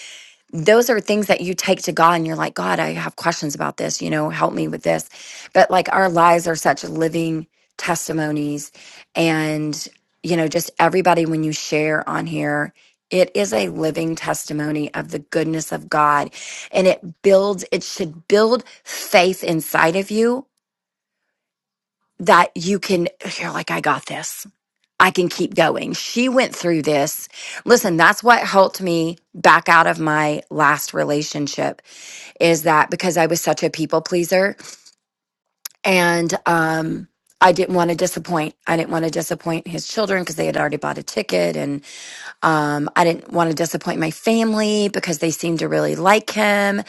Speaker 5: those are things that you take to God and you're like, God, I have questions about this, you know, help me with this. But like our lives are such living testimonies. And, you know, just everybody, when you share on here, it is a living testimony of the goodness of God. And it builds, it should build faith inside of you that you can, you're like, I got this. I can keep going. She went through this. Listen, that's what helped me back out of my last relationship is that because I was such a people pleaser and um I didn't want to disappoint. I didn't want to disappoint his children because they had already bought a ticket and. Um, I didn't want to disappoint my family because they seemed to really like him.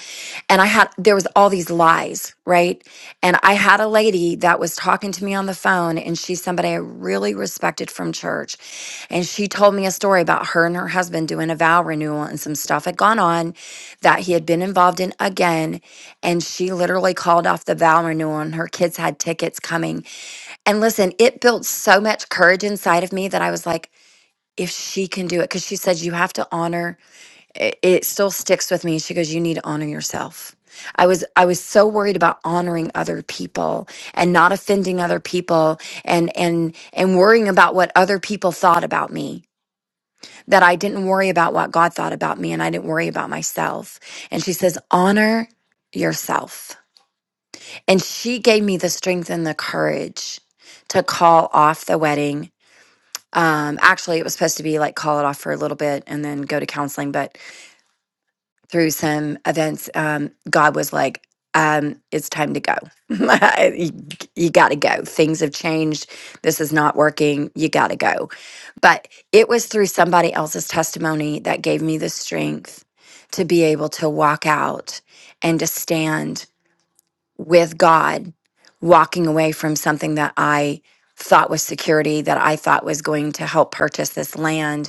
Speaker 5: And I had, there was all these lies, right? And I had a lady that was talking to me on the phone and she's somebody I really respected from church. And she told me a story about her and her husband doing a vow renewal and some stuff had gone on that he had been involved in again. And she literally called off the vow renewal and her kids had tickets coming. And listen, it built so much courage inside of me that I was like, if she can do it because she said you have to honor it, it still sticks with me she goes you need to honor yourself i was i was so worried about honoring other people and not offending other people and and and worrying about what other people thought about me that i didn't worry about what god thought about me and i didn't worry about myself and she says honor yourself and she gave me the strength and the courage to call off the wedding um, actually, it was supposed to be like call it off for a little bit and then go to counseling, but through some events, um, God was like, um, it's time to go. (laughs) you you got to go. Things have changed. This is not working. You got to go. But it was through somebody else's testimony that gave me the strength to be able to walk out and to stand with God, walking away from something that I thought was security, that I thought was going to help purchase this land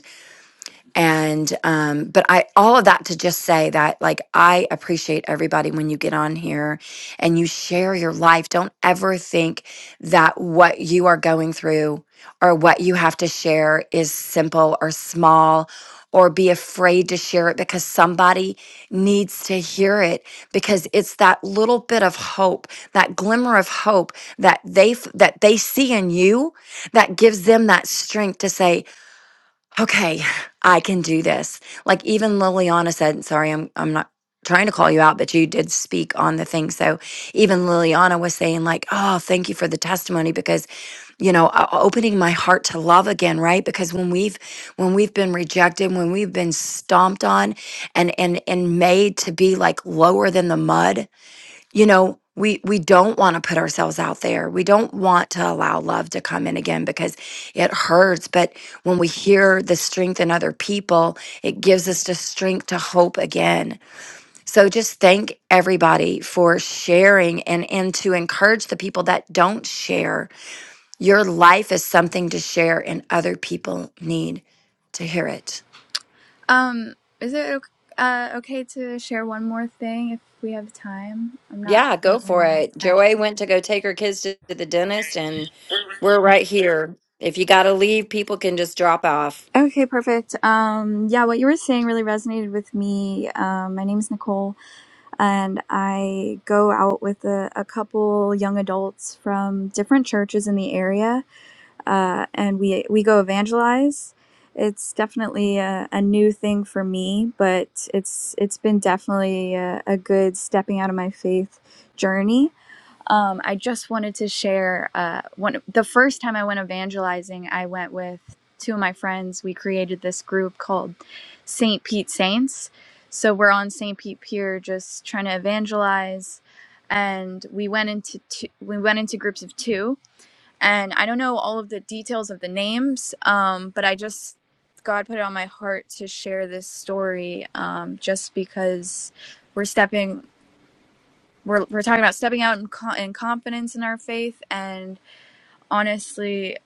Speaker 5: and um but i all of that to just say that like i appreciate everybody when you get on here and you share your life don't ever think that what you are going through or what you have to share is simple or small or be afraid to share it because somebody needs to hear it because it's that little bit of hope that glimmer of hope that they f- that they see in you that gives them that strength to say okay, I can do this. Like even Liliana said, sorry, I'm I'm not trying to call you out, but you did speak on the thing. So even Liliana was saying like, "Oh, thank you for the testimony because you know, o- opening my heart to love again, right? Because when we've when we've been rejected, when we've been stomped on and and and made to be like lower than the mud, you know we we don't want to put ourselves out there we don't want to allow love to come in again because it hurts but when we hear the strength in other people it gives us the strength to hope again so just thank everybody for sharing and and to encourage the people that don't share your life is something to share and other people need to hear it
Speaker 4: Um, is it ok- uh, okay to share one more thing if we have time? I'm not
Speaker 5: Yeah, go
Speaker 4: sure
Speaker 5: for
Speaker 4: when this
Speaker 5: it.
Speaker 4: ends.
Speaker 5: Joey went to go take her kids to to the dentist, and we're right here. If you got to leave, people can just drop off.
Speaker 4: Okay, perfect. Um, yeah, what you were saying really resonated with me. Um, my name is Nicole and I go out with a, a couple young adults from different churches in the area, uh, and we we go evangelize. It's definitely a, a new thing for me, but it's it's been definitely a, a good stepping out of my faith journey um, I just wanted to share uh, one. The first time I went evangelizing, I went with two of my friends. We created this group called St. Pete Saints. So we're on St. Pete Pier, just trying to evangelize. And we went into two, we went into groups of two. And I don't know all of the details of the names, um, but I just God put it on my heart to share this story, um, just because we're stepping we're, we're talking about stepping out in, co- in confidence in our faith and honestly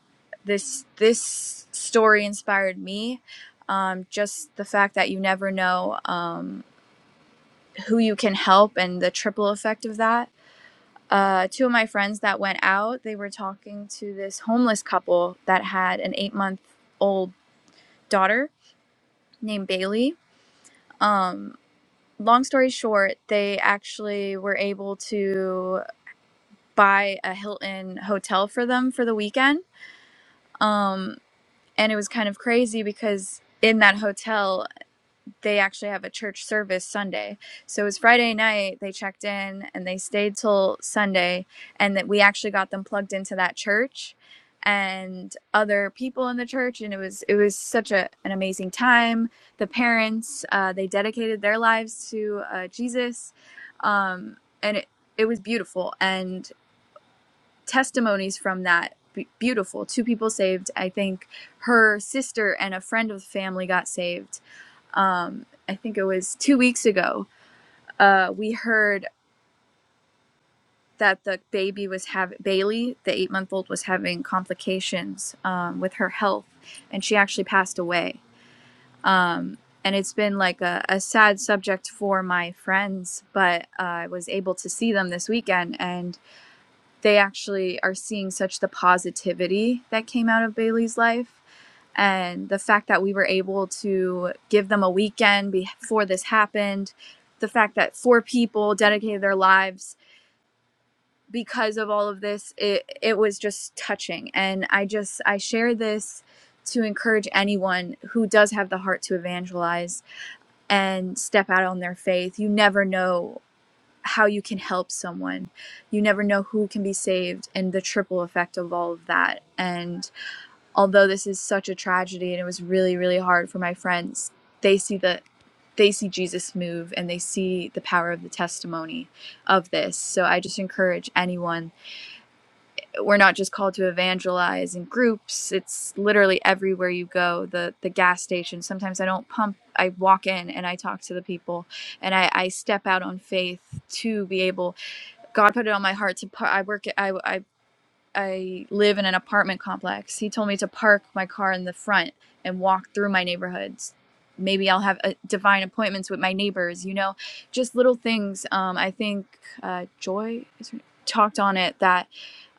Speaker 4: this this story inspired me um, just the fact that you never know um, who you can help and the triple effect of that uh, two of my friends that went out they were talking to this homeless couple that had an eight month old daughter named bailey um, long story short they actually were able to buy a hilton hotel for them for the weekend Um, and it was kind of crazy because in that hotel, they actually have a church service Sunday. So it was Friday night, they checked in and they stayed till Sunday. And that we actually got them plugged into that church and other people in the church and it was it was such a, an amazing time the parents uh, they dedicated their lives to uh, jesus um, and it, it was beautiful and testimonies from that be- beautiful two people saved i think her sister and a friend of the family got saved um, i think it was two weeks ago uh, we heard that the baby was having bailey the eight month old was having complications um, with her health and she actually passed away um, and it's been like a, a sad subject for my friends but uh, i was able to see them this weekend and they actually are seeing such the positivity that came out of Bailey's life. And the fact that we were able to give them a weekend before this happened, the fact that four people dedicated their lives because of all of this, it, it was just touching. And I just, I share this to encourage anyone who does have the heart to evangelize and step out on their faith. You never know how you can help someone. You never know who can be saved and the triple effect of all of that. And although this is such a tragedy and it was really really hard for my friends, they see the they see Jesus move and they see the power of the testimony of this. So I just encourage anyone. We're not just called to evangelize in groups. It's literally everywhere you go. The the gas station. Sometimes I don't pump. I walk in and I talk to the people and I, I step out on faith to be able God put it on my heart to par- I work I I I live in an apartment complex. He told me to park my car in the front and walk through my neighborhoods. Maybe I'll have uh divine appointments with my neighbors. You know, just little things. Um, I think uh, Joy talked on it that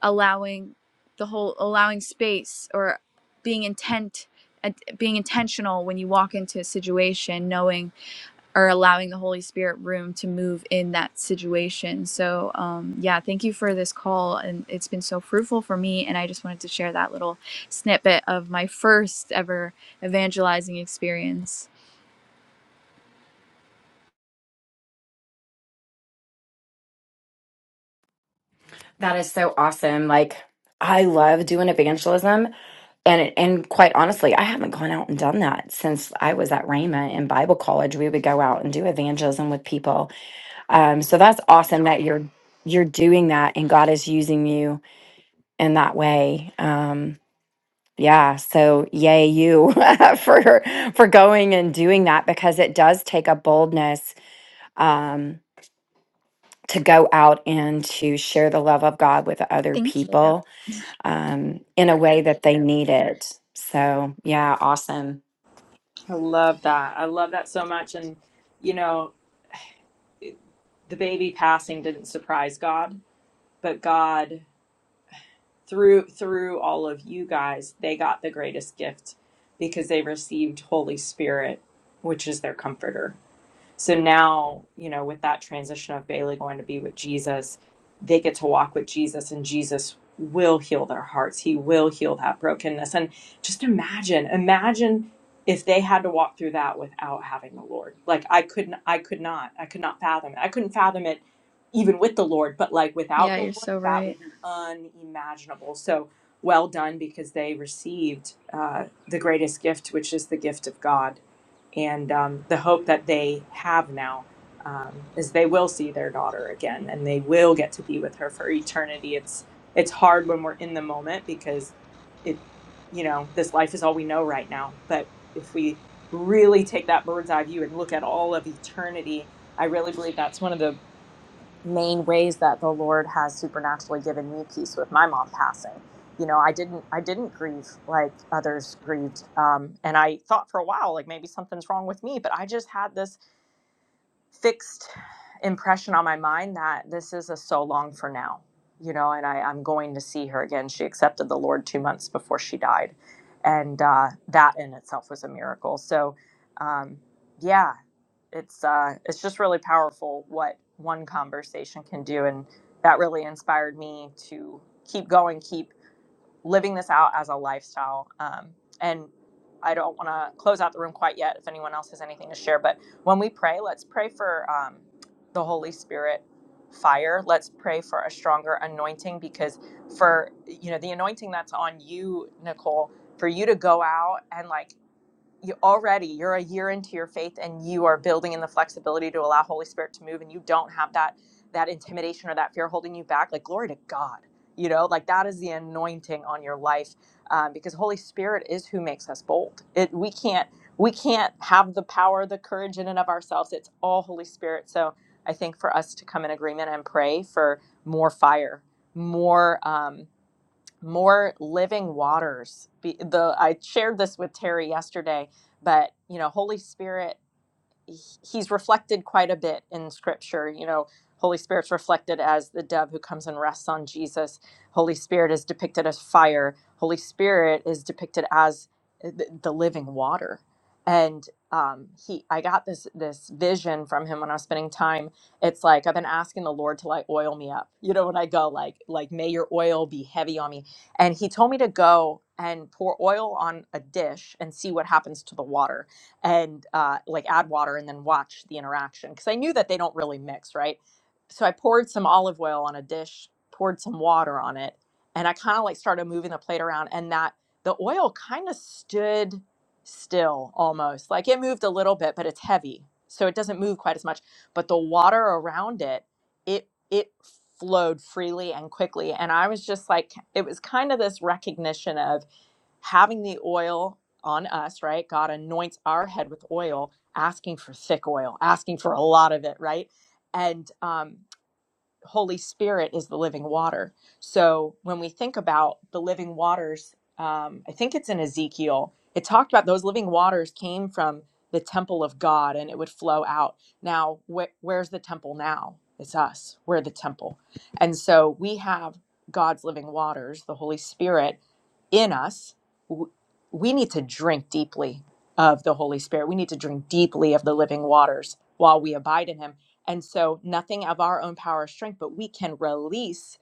Speaker 4: allowing the whole allowing space or being intent, uh, being intentional when you walk into a situation, knowing are allowing the Holy Spirit room to move in that situation. So, um, yeah, thank you for this call. And it's been so fruitful for me. And I just wanted to share that little snippet of my first ever evangelizing experience.
Speaker 5: That is so awesome. Like, I love doing evangelism. And and quite honestly, I haven't gone out and done that since I was at Rhema in Bible college. We would go out and do evangelism with people. Um, so that's awesome that you're you're doing that and God is using you in that way. Um, Yeah, so yay you (laughs) for for going and doing that because it does take a boldness um, to go out and to share the love of God with other
Speaker 4: Thank you.
Speaker 5: people um, in a way that they need it. So yeah, awesome.
Speaker 3: I love that. I love that so much and you know, the baby passing didn't surprise God but God through through all of you guys, they got the greatest gift because they received Holy Spirit, which is their comforter. So now, you know, with that transition of Bailey going to be with Jesus, they get to walk with Jesus, and Jesus will heal their hearts. He will heal that brokenness. And just imagine, imagine if they had to walk through that without having the Lord. Like I couldn't, I could not, I could not fathom it. I couldn't fathom it even with the Lord, but like without
Speaker 4: Yeah,
Speaker 3: the
Speaker 4: you're
Speaker 3: Lord,
Speaker 4: so
Speaker 3: that
Speaker 4: right.
Speaker 3: would be unimaginable. So well done because they received uh, the greatest gift, which is the gift of God and um, the hope that they have now um, is they will see their daughter again and they will get to be with her for eternity it's it's hard when we're in the moment because it you know this life is all we know right now but if we really take that bird's eye view and look at all of eternity i really believe that's one of the main ways that the lord has supernaturally given me peace with my mom passing you know i didn't i didn't grieve like others grieved um, and i thought for a while like maybe something's wrong with me but i just had this fixed impression on my mind that this is a so long for now you know and I, i'm going to see her again she accepted the lord two months before she died and uh, that in itself was a miracle so um, yeah it's uh it's just really powerful what one conversation can do and that really inspired me to keep going keep living this out as a lifestyle um, and i don't want to close out the room quite yet if anyone else has anything to share but when we pray let's pray for um, the holy spirit fire let's pray for a stronger anointing because for you know the anointing that's on you nicole for you to go out and like you already you're a year into your faith and you are building in the flexibility to allow holy spirit to move and you don't have that that intimidation or that fear holding you back like glory to god you know like that is the anointing on your life um, because holy spirit is who makes us bold it we can't we can't have the power the courage in and of ourselves it's all holy spirit so i think for us to come in agreement and pray for more fire more um, more living waters the i shared this with terry yesterday but you know holy spirit he's reflected quite a bit in scripture you know holy spirit's reflected as the dove who comes and rests on jesus holy spirit is depicted as fire holy spirit is depicted as the, the living water and um, he i got this this vision from him when i was spending time it's like i've been asking the lord to like oil me up you know when i go like like may your oil be heavy on me and he told me to go and pour oil on a dish and see what happens to the water and uh, like add water and then watch the interaction because I knew that they don't really mix, right? So I poured some olive oil on a dish, poured some water on it, and I kind of like started moving the plate around, and that the oil kind of stood still almost. Like it moved a little bit, but it's heavy. So it doesn't move quite as much. But the water around it, it it flowed freely and quickly. And I was just like, it was kind of this recognition of having the oil on us, right? God anoints our head with oil, asking for thick oil, asking for a lot of it, right? And um, Holy Spirit is the living water. So when we think about the living waters, um, I think it's in Ezekiel, it talked about those living waters came from the temple of God and it would flow out. Now, wh- where's the temple now? It's us. We're the temple. And so we have God's living waters, the Holy Spirit in us, w- we need to drink deeply of the Holy Spirit. We need to drink deeply of the living waters while we abide in Him. And so, nothing of our own power or strength, but we can release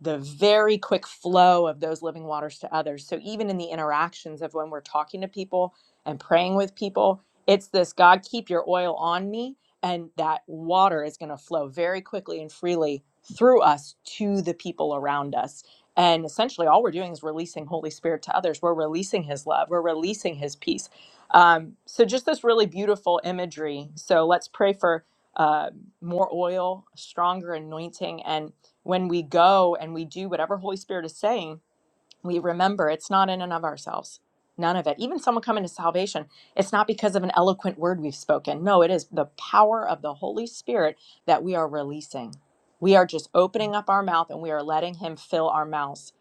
Speaker 3: the very quick flow of those living waters to others. So even in the interactions of when we're talking to people and praying with people, it's this God, keep your oil on me. And that water is going to flow very quickly and freely through us to the people around us. And essentially, all we're doing is releasing Holy Spirit to others. We're releasing His love, we're releasing His peace. Um, so, just this really beautiful imagery. So, let's pray for uh, more oil, stronger anointing, and when we go and we do whatever Holy Spirit is saying, we remember it's not in and of ourselves. None of it. Even someone coming to salvation, it's not because of an eloquent word we've spoken. No, it is the power of the Holy Spirit that we are releasing. We are just opening up our mouth and we are letting Him fill our mouths.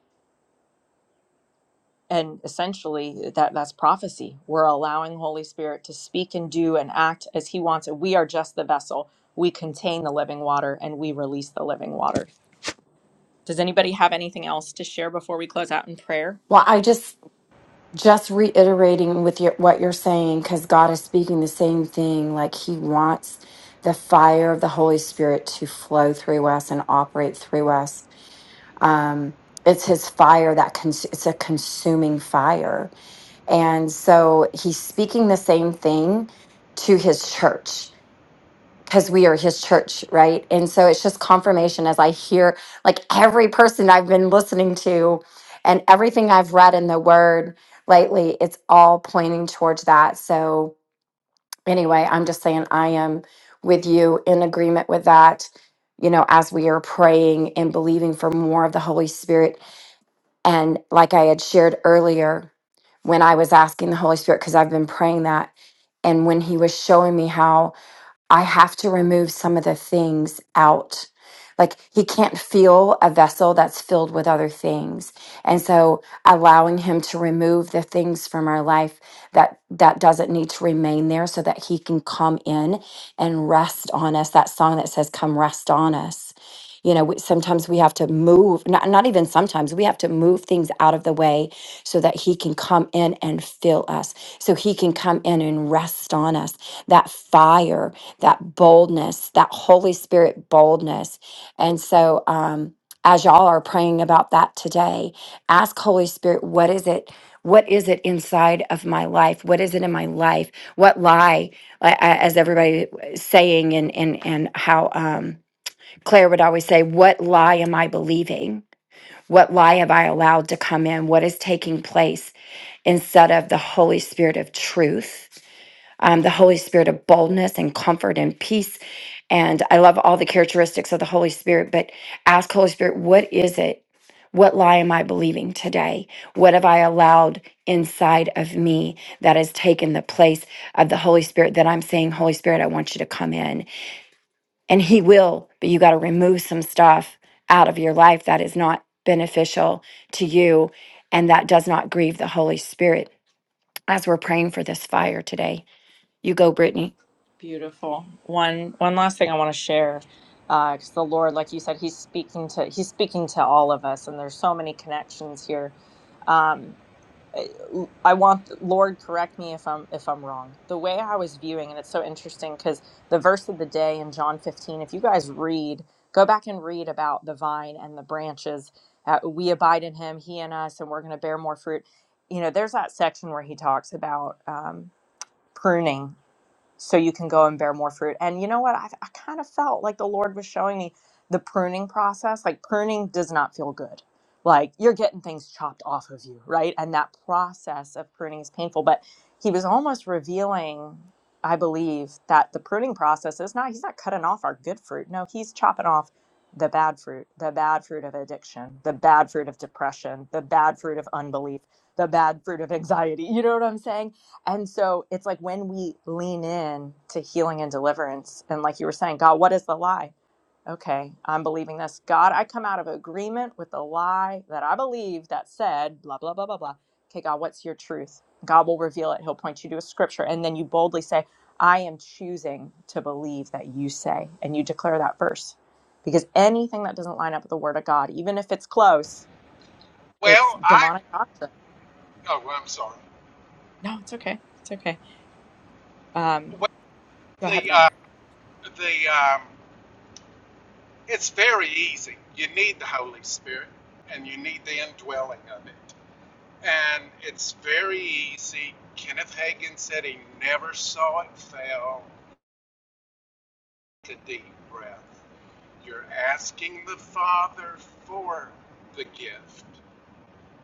Speaker 3: And essentially, that, that's prophecy. We're allowing Holy Spirit to speak and do and act as He wants. And we are just the vessel. We contain the living water and we release the living water. Does anybody have anything else to share before we close out in prayer?
Speaker 5: Well, I just just reiterating with your what you're saying because God is speaking the same thing. Like He wants the fire of the Holy Spirit to flow through us and operate through us um it's his fire that cons- it's a consuming fire and so he's speaking the same thing to his church because we are his church right and so it's just confirmation as i hear like every person i've been listening to and everything i've read in the word lately it's all pointing towards that so anyway i'm just saying i am with you in agreement with that you know as we are praying and believing for more of the holy spirit and like I had shared earlier, when I was asking the Holy Spirit, because I've been praying that, and when He was showing me how I have to remove some of the things out. Like he can't feel a vessel that's filled with other things. And so allowing him to remove the things from our life that that doesn't need to remain there so that he can come in and rest on us. That song that says come rest on us. You know, we, sometimes we have to move, not, not even sometimes, we have to move things out of the way so that he can come in and fill us, so he can come in and rest on us. That fire that boldness, that Holy Spirit boldness. And so, um, as y'all are praying about that today, ask Holy Spirit, what is it? What is it inside of my life? What is it in my life? What lie, I- I- as everybody was saying, and and and how um, Claire would always say, what lie am I believing? What lie have I allowed to come in? What is taking place instead of the Holy Spirit of truth? um, the Holy Spirit of boldness and comfort and peace. And I love all the characteristics of the Holy Spirit, but ask Holy Spirit, what is it? What lie am I believing today? What have I allowed inside of me that has taken the place of the Holy Spirit that I'm saying, Holy Spirit, I want you to come in? And He will, but you got to remove some stuff out of your life that is not beneficial to you and that does not grieve the Holy Spirit. As we're praying for this fire today, you go, Brittany.
Speaker 3: Beautiful. One one last thing I want to share, because the Lord, like you said, He's speaking to He's speaking to all of us, and there's so many connections here. L- I want Lord, correct me if I'm if I'm wrong. The way I was viewing, and it's so interesting because the verse of the day in John 15. If you guys read, go back and read about the vine and the branches. Uh, we abide in Him, He in us, and we're going to bear more fruit. You know, there's that section where He talks about um, pruning so you can go and bear more fruit. And you know what? I, I kind of felt like the Lord was showing me the pruning process. Like pruning does not feel good. Like you're getting things chopped off of you, right? And that process of pruning is painful. But He was almost revealing, I believe, that the pruning process is not, He's not cutting off our good fruit. No, He's chopping off the bad fruit, the bad fruit of addiction, the bad fruit of depression, the bad fruit of unbelief, the bad fruit of anxiety. (laughs) You know what I'm saying? And so it's like when we lean in to healing and deliverance, and like you were saying, God, what is the lie? Okay, I'm believing this. God, I come out of agreement with the lie that I believe that said, blah, blah, blah, blah, blah. Okay, God, what's your truth? God will reveal it. He'll point you to a scripture. And then you boldly say, I am choosing to believe that you say, and you declare that verse. Because anything that doesn't line up with the word of God, even if it's close, it's
Speaker 2: Well, I.
Speaker 3: demonic doctrine.
Speaker 2: Oh, well, I'm sorry.
Speaker 3: No, it's okay. It's okay. Um,
Speaker 2: Well,
Speaker 3: go ahead,
Speaker 2: the
Speaker 3: Lynn.
Speaker 2: uh, the um, it's very easy. You need the Holy Spirit, and you need the indwelling of it. And it's very easy. Kenneth Hagin said he never saw it fail. Take a deep breath You're asking the Father for the gift.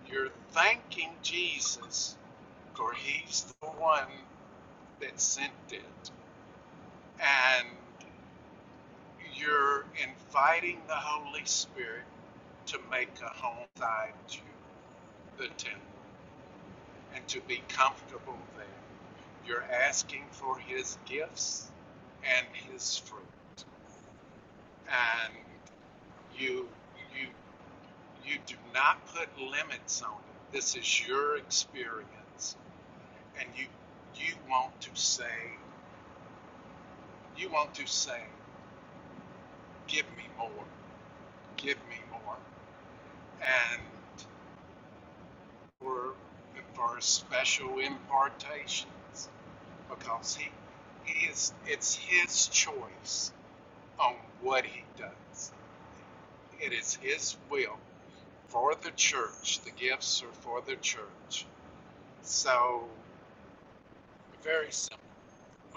Speaker 2: You're thanking Jesus for he's the one that sent it. And you're inviting the Holy Spirit to make a home inside you, the temple, and to be comfortable there. You're asking for his gifts and his fruit. and You you you do not put limits on it. This is your experience, and you you want to say you want to say, give me more, give me more, and for for special impartations because he he is it's his choice on what he does. It is his will for the church. The gifts are for the church. So Very simple.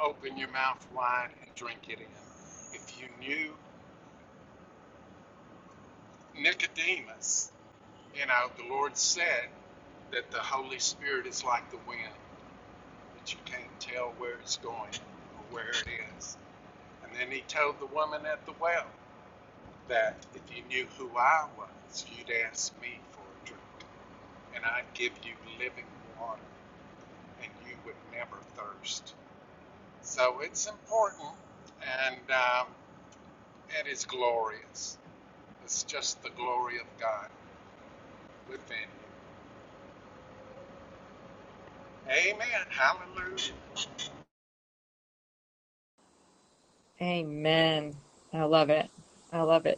Speaker 2: Open your mouth wide and drink it in. If you knew Nicodemus, you know, the Lord said that the Holy Spirit is like the wind, that you can't tell where it's going or where it is. And then he told the woman at the well that if you knew who I was, you'd ask me for a drink, and I'd give you living water, and you would never thirst. So it's important, and um, It is glorious. It's just the glory of God within you. Amen. Hallelujah.
Speaker 3: Amen. I love it. I love it.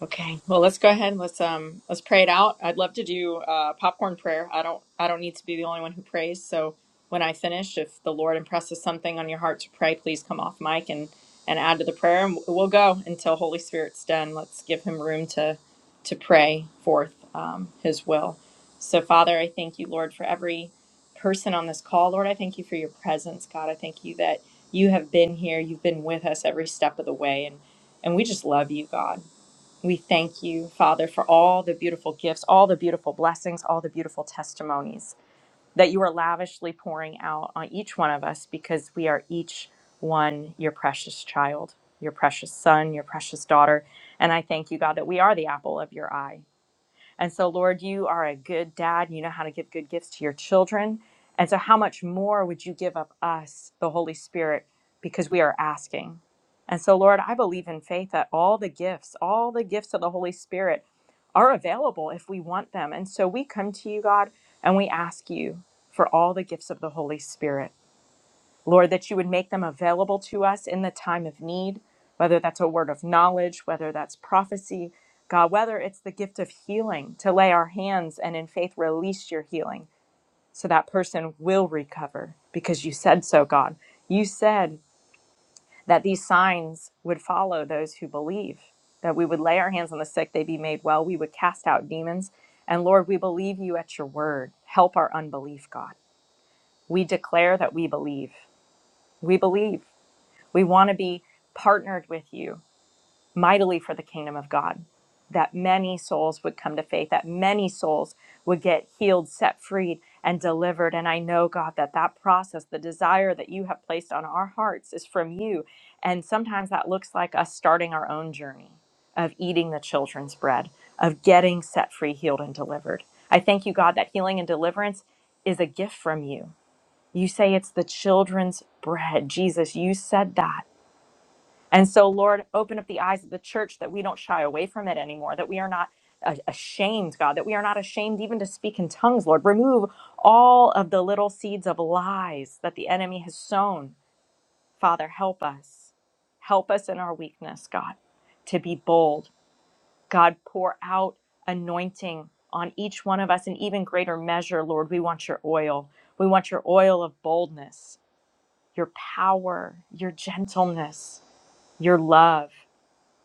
Speaker 3: Okay. Well, let's go ahead and let's um let's pray it out. I'd love to do uh popcorn prayer. I don't I don't need to be the only one who prays. So when I finish, if the Lord impresses something on your heart to pray, please come off mic and and add to the prayer and we'll go until Holy Spirit's done. Let's give him room to to pray forth um, his will. So Father, I thank you, Lord, for every person on this call. Lord, I thank you for your presence, God. I thank you that you have been here. You've been with us every step of the way and and we just love you, God. We thank you, Father, for all the beautiful gifts, all the beautiful blessings, all the beautiful testimonies that you are lavishly pouring out on each one of us because we are each one your precious child, your precious son, your precious daughter. And I thank you, God, that we are the apple of your eye. And so, Lord, you are a good dad. You know how to give good gifts to your children. And so, how much more would you give up us, the Holy Spirit, because we are asking? And so, Lord, I believe in faith that all the gifts, all the gifts of the Holy Spirit are available if we want them. And so, we come to you, God, and we ask you for all the gifts of the Holy Spirit. Lord, that you would make them available to us in the time of need, whether that's a word of knowledge, whether that's prophecy, God, whether it's the gift of healing, to lay our hands and in faith release your healing so that person will recover because you said so, God. You said that these signs would follow those who believe, that we would lay our hands on the sick, they'd be made well, we would cast out demons. And Lord, we believe you at your word. Help our unbelief, God. We declare that we believe. We believe. We want to be partnered with you mightily for the kingdom of God, that many souls would come to faith, that many souls would get healed, set free, and delivered. And I know, God, that that process, the desire that you have placed on our hearts is from you. And sometimes that looks like us starting our own journey of eating the children's bread, of getting set free, healed, and delivered. I thank you, God, that healing and deliverance is a gift from you. You say it's the children's bread. Jesus, you said that. And so, Lord, open up the eyes of the church that we don't shy away from it anymore, that we are not ashamed, God, that we are not ashamed even to speak in tongues, Lord. Remove all of the little seeds of lies that the enemy has sown. Father, help us. Help us in our weakness, God, to be bold. God, pour out anointing on each one of us in even greater measure, Lord. We want your oil. We want your oil of boldness, your power, your gentleness, your love.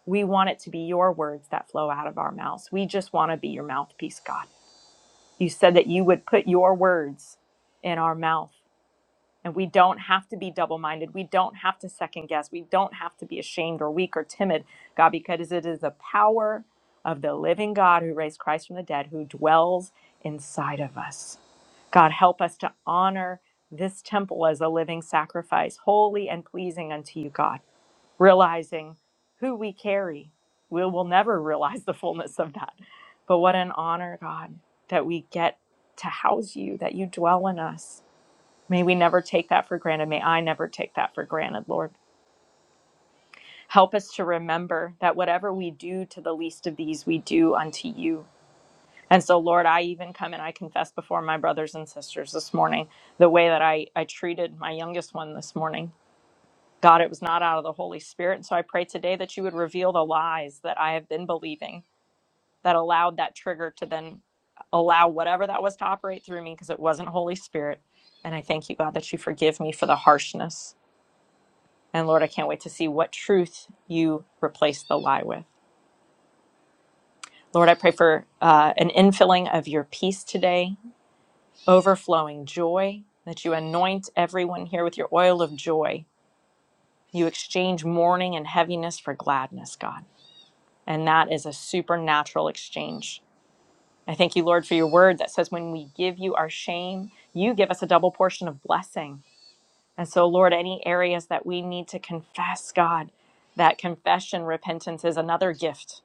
Speaker 3: We want it to be your words that flow out of our mouths. We just want to be your mouthpiece, God. You said that you would put your words in our mouth. And we don't have to be double minded. We don't have to second guess. We don't have to be ashamed or weak or timid, God, because it is the power of the living God who raised Christ from the dead who dwells inside of us. God, help us to honor this temple as a living sacrifice, holy and pleasing unto you, God realizing who we carry. We will never (laughs) realize the fullness of that. But what an honor, God, that we get to house you, that you dwell in us. May we never take that for granted. May I never take that for granted, Lord. Help us to remember that whatever we do to the least of these, we do unto you. And so, Lord, I even come and I confess before my brothers and sisters this morning the way that I, I treated my youngest one this morning God, it was not out of the Holy Spirit. And so I pray today that you would reveal the lies that I have been believing that allowed that trigger to then allow whatever that was to operate through me because it wasn't Holy Spirit. And I thank you, God, that you forgive me for the harshness. And Lord, I can't wait to see what truth you replace the lie with. Lord, I pray for uh, an infilling of your peace today, overflowing joy, that you anoint everyone here with your oil of joy. You exchange mourning and heaviness for gladness, God. And that is a supernatural exchange. I thank you, Lord, for your word that says when we give you our shame, you give us a double portion of blessing. And so, Lord, any areas that we need to confess, God, that confession, repentance is another gift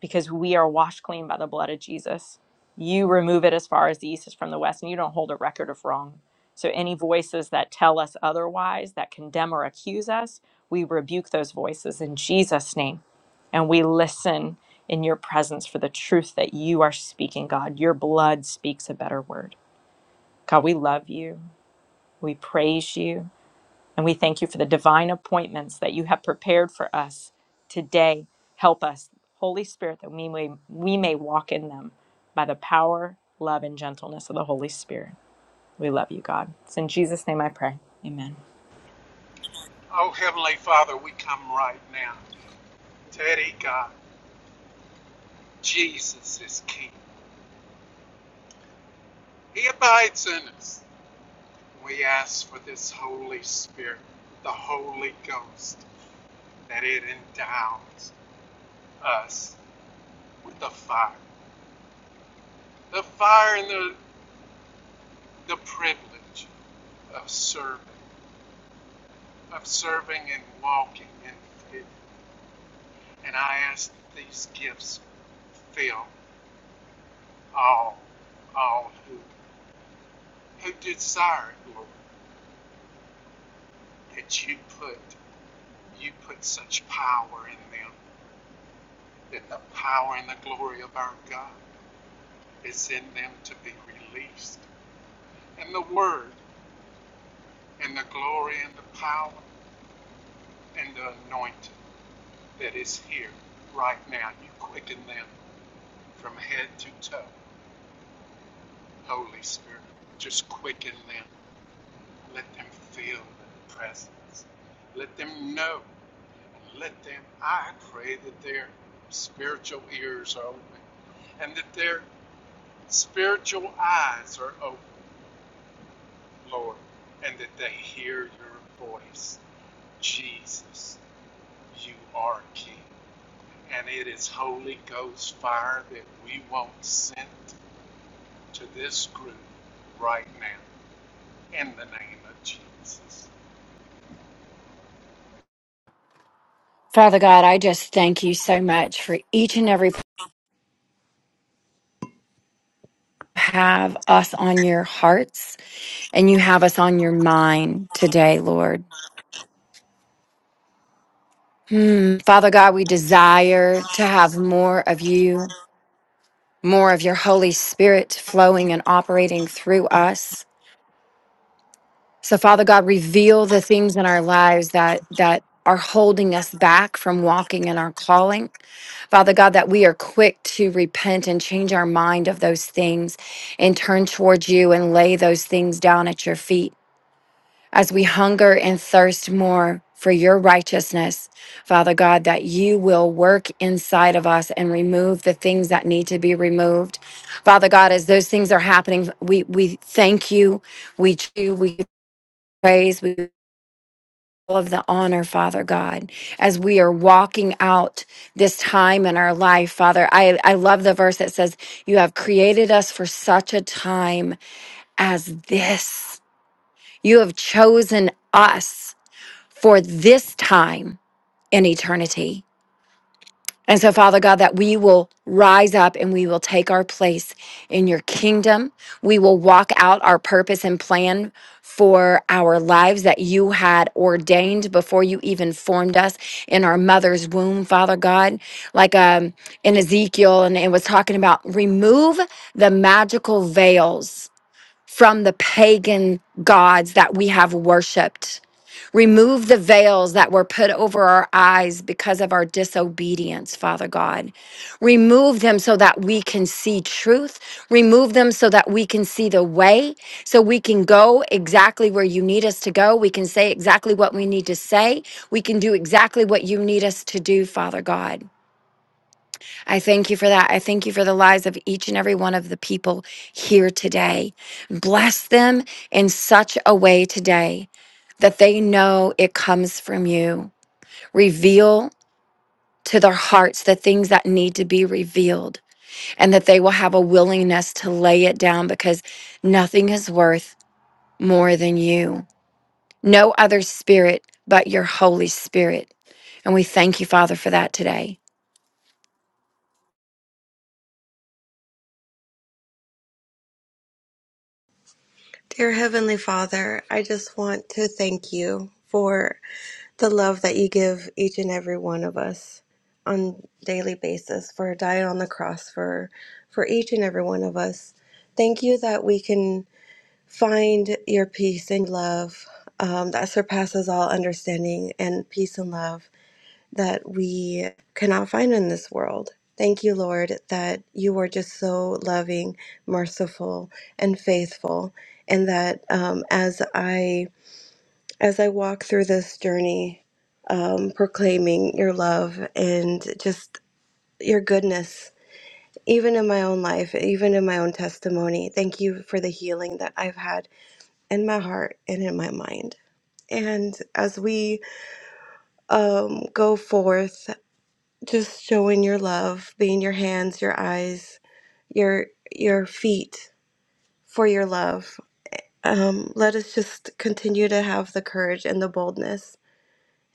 Speaker 3: because we are washed clean by the blood of Jesus. You remove it as far as the east is from the west, and you don't hold a record of wrong. So, any voices that tell us otherwise, that condemn or accuse us, we rebuke those voices in Jesus' name. And we listen in your presence for the truth that you are speaking, God. Your blood speaks a better word. God, we love you. We praise you. And we thank you for the divine appointments that you have prepared for us today. Help us, Holy Spirit, that we may, we may walk in them by the power, love, and gentleness of the Holy Spirit. We love you, God. It's in Jesus' name I pray. Amen.
Speaker 2: Oh, Heavenly Father, we come right now. Teddy, God, Jesus is King. He abides in us. We ask for this Holy Spirit, the Holy Ghost, that it endows us with the fire. The fire and the, the privilege of serving, of serving and walking in faith And I ask that these gifts fill all, all who, who desire it, Lord, that you put, you put such power in them, that the power and the glory of our God is in them to be released. And the word and the glory and the power and the anointing that is here right now, you quicken them from head to toe, Holy Spirit. Just quicken them Let them feel the presence. Let them know. Let them, I pray that their spiritual ears are open and that their spiritual eyes are open, Lord, and that they hear your voice. Jesus, you are King. And it is Holy Ghost fire that we want sent to this group right now in the name of Jesus.
Speaker 5: Father God, I just thank you so much for each and every have us on your hearts and you have us on your mind today, Lord. Hmm. Father God, we desire to have more of you, more of your Holy Spirit flowing and operating through us. So Father God, reveal the things in our lives that that are holding us back from walking in our calling. Father God, that we are quick to repent and change our mind of those things and turn towards you and lay those things down at your feet. As we hunger and thirst more for your righteousness, Father God, that you will work inside of us and remove the things that need to be removed. Father God, as those things are happening, we, we thank you, we, do, we praise, we all of the honor, Father God, as we are walking out this time in our life, Father. I, I love the verse that says, You have created us for such a time as this. You have chosen us for this time in eternity. And so, Father God, that we will rise up and we will take our place in your kingdom. We will walk out our purpose and plan for our lives that you had ordained before you even formed us in our mother's womb, Father God. Like um, in Ezekiel, and it was talking about remove the magical veils from the pagan gods that we have worshiped Remove the veils that were put over our eyes because of our disobedience, Father God. Remove them so that we can see truth. Remove them so that we can see the way, so we can go exactly where you need us to go. We can say exactly what we need to say. We can do exactly what you need us to do, Father God. I thank you for that. I thank you for the lives of each and every one of the people here today. Bless them in such a way today that they know it comes from you. Reveal to their hearts the things that need to be revealed and that they will have a willingness to lay it down because nothing is worth more than you. No other spirit but your Holy Spirit. And we thank you, Father, for that today.
Speaker 8: Dear Heavenly Father, I just want to thank you for the love that you give each and every one of us on daily basis for dying on the cross for for each and every one of us. Thank you that we can find your peace and love um, that surpasses all understanding and peace and love that we cannot find in this world. Thank you, Lord, that you are just so loving, merciful, and faithful, and that um, as I as I walk through this journey, um, proclaiming your love and just your goodness, even in my own life, even in my own testimony. Thank you for the healing that I've had in my heart and in my mind. And as we um, go forth. just showing your love, being your hands, your eyes, your your feet for your love. Um, let us just continue to have the courage and the boldness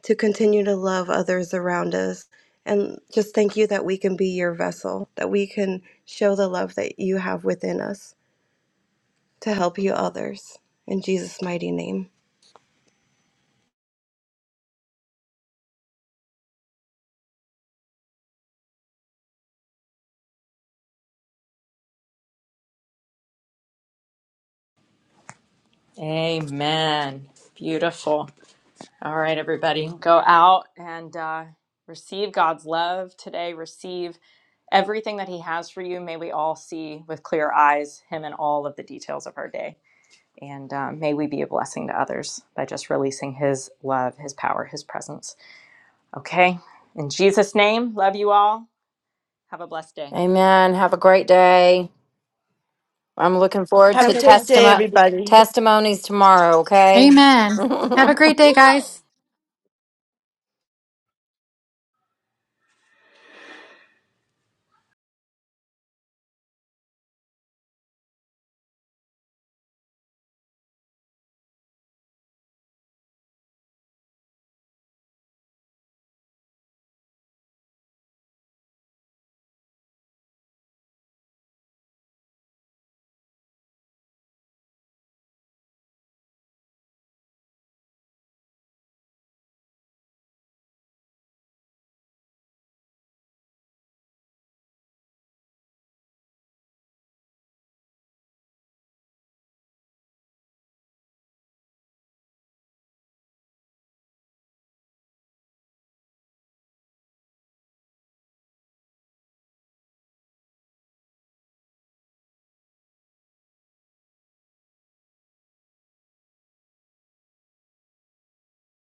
Speaker 8: to continue to love others around us. And just thank you that we can be your vessel, that we can show the love that you have within us to help you others. In Jesus' mighty name.
Speaker 3: Amen. Beautiful. All right, everybody, go out and uh, receive God's love today. Receive everything that He has for you. May we all see with clear eyes Him in all of the details of our day. And um, may we be a blessing to others by just releasing His love, His power, His presence. Okay. In Jesus' name, love you all. Have a blessed day.
Speaker 5: Amen. Have a great day. I'm looking forward
Speaker 9: Have
Speaker 8: Have
Speaker 9: a
Speaker 5: to
Speaker 8: a blessed
Speaker 9: great day,
Speaker 5: testimo-
Speaker 9: everybody.
Speaker 5: testimonies tomorrow, okay?
Speaker 10: Amen.
Speaker 5: (laughs)
Speaker 10: Have a great day, guys.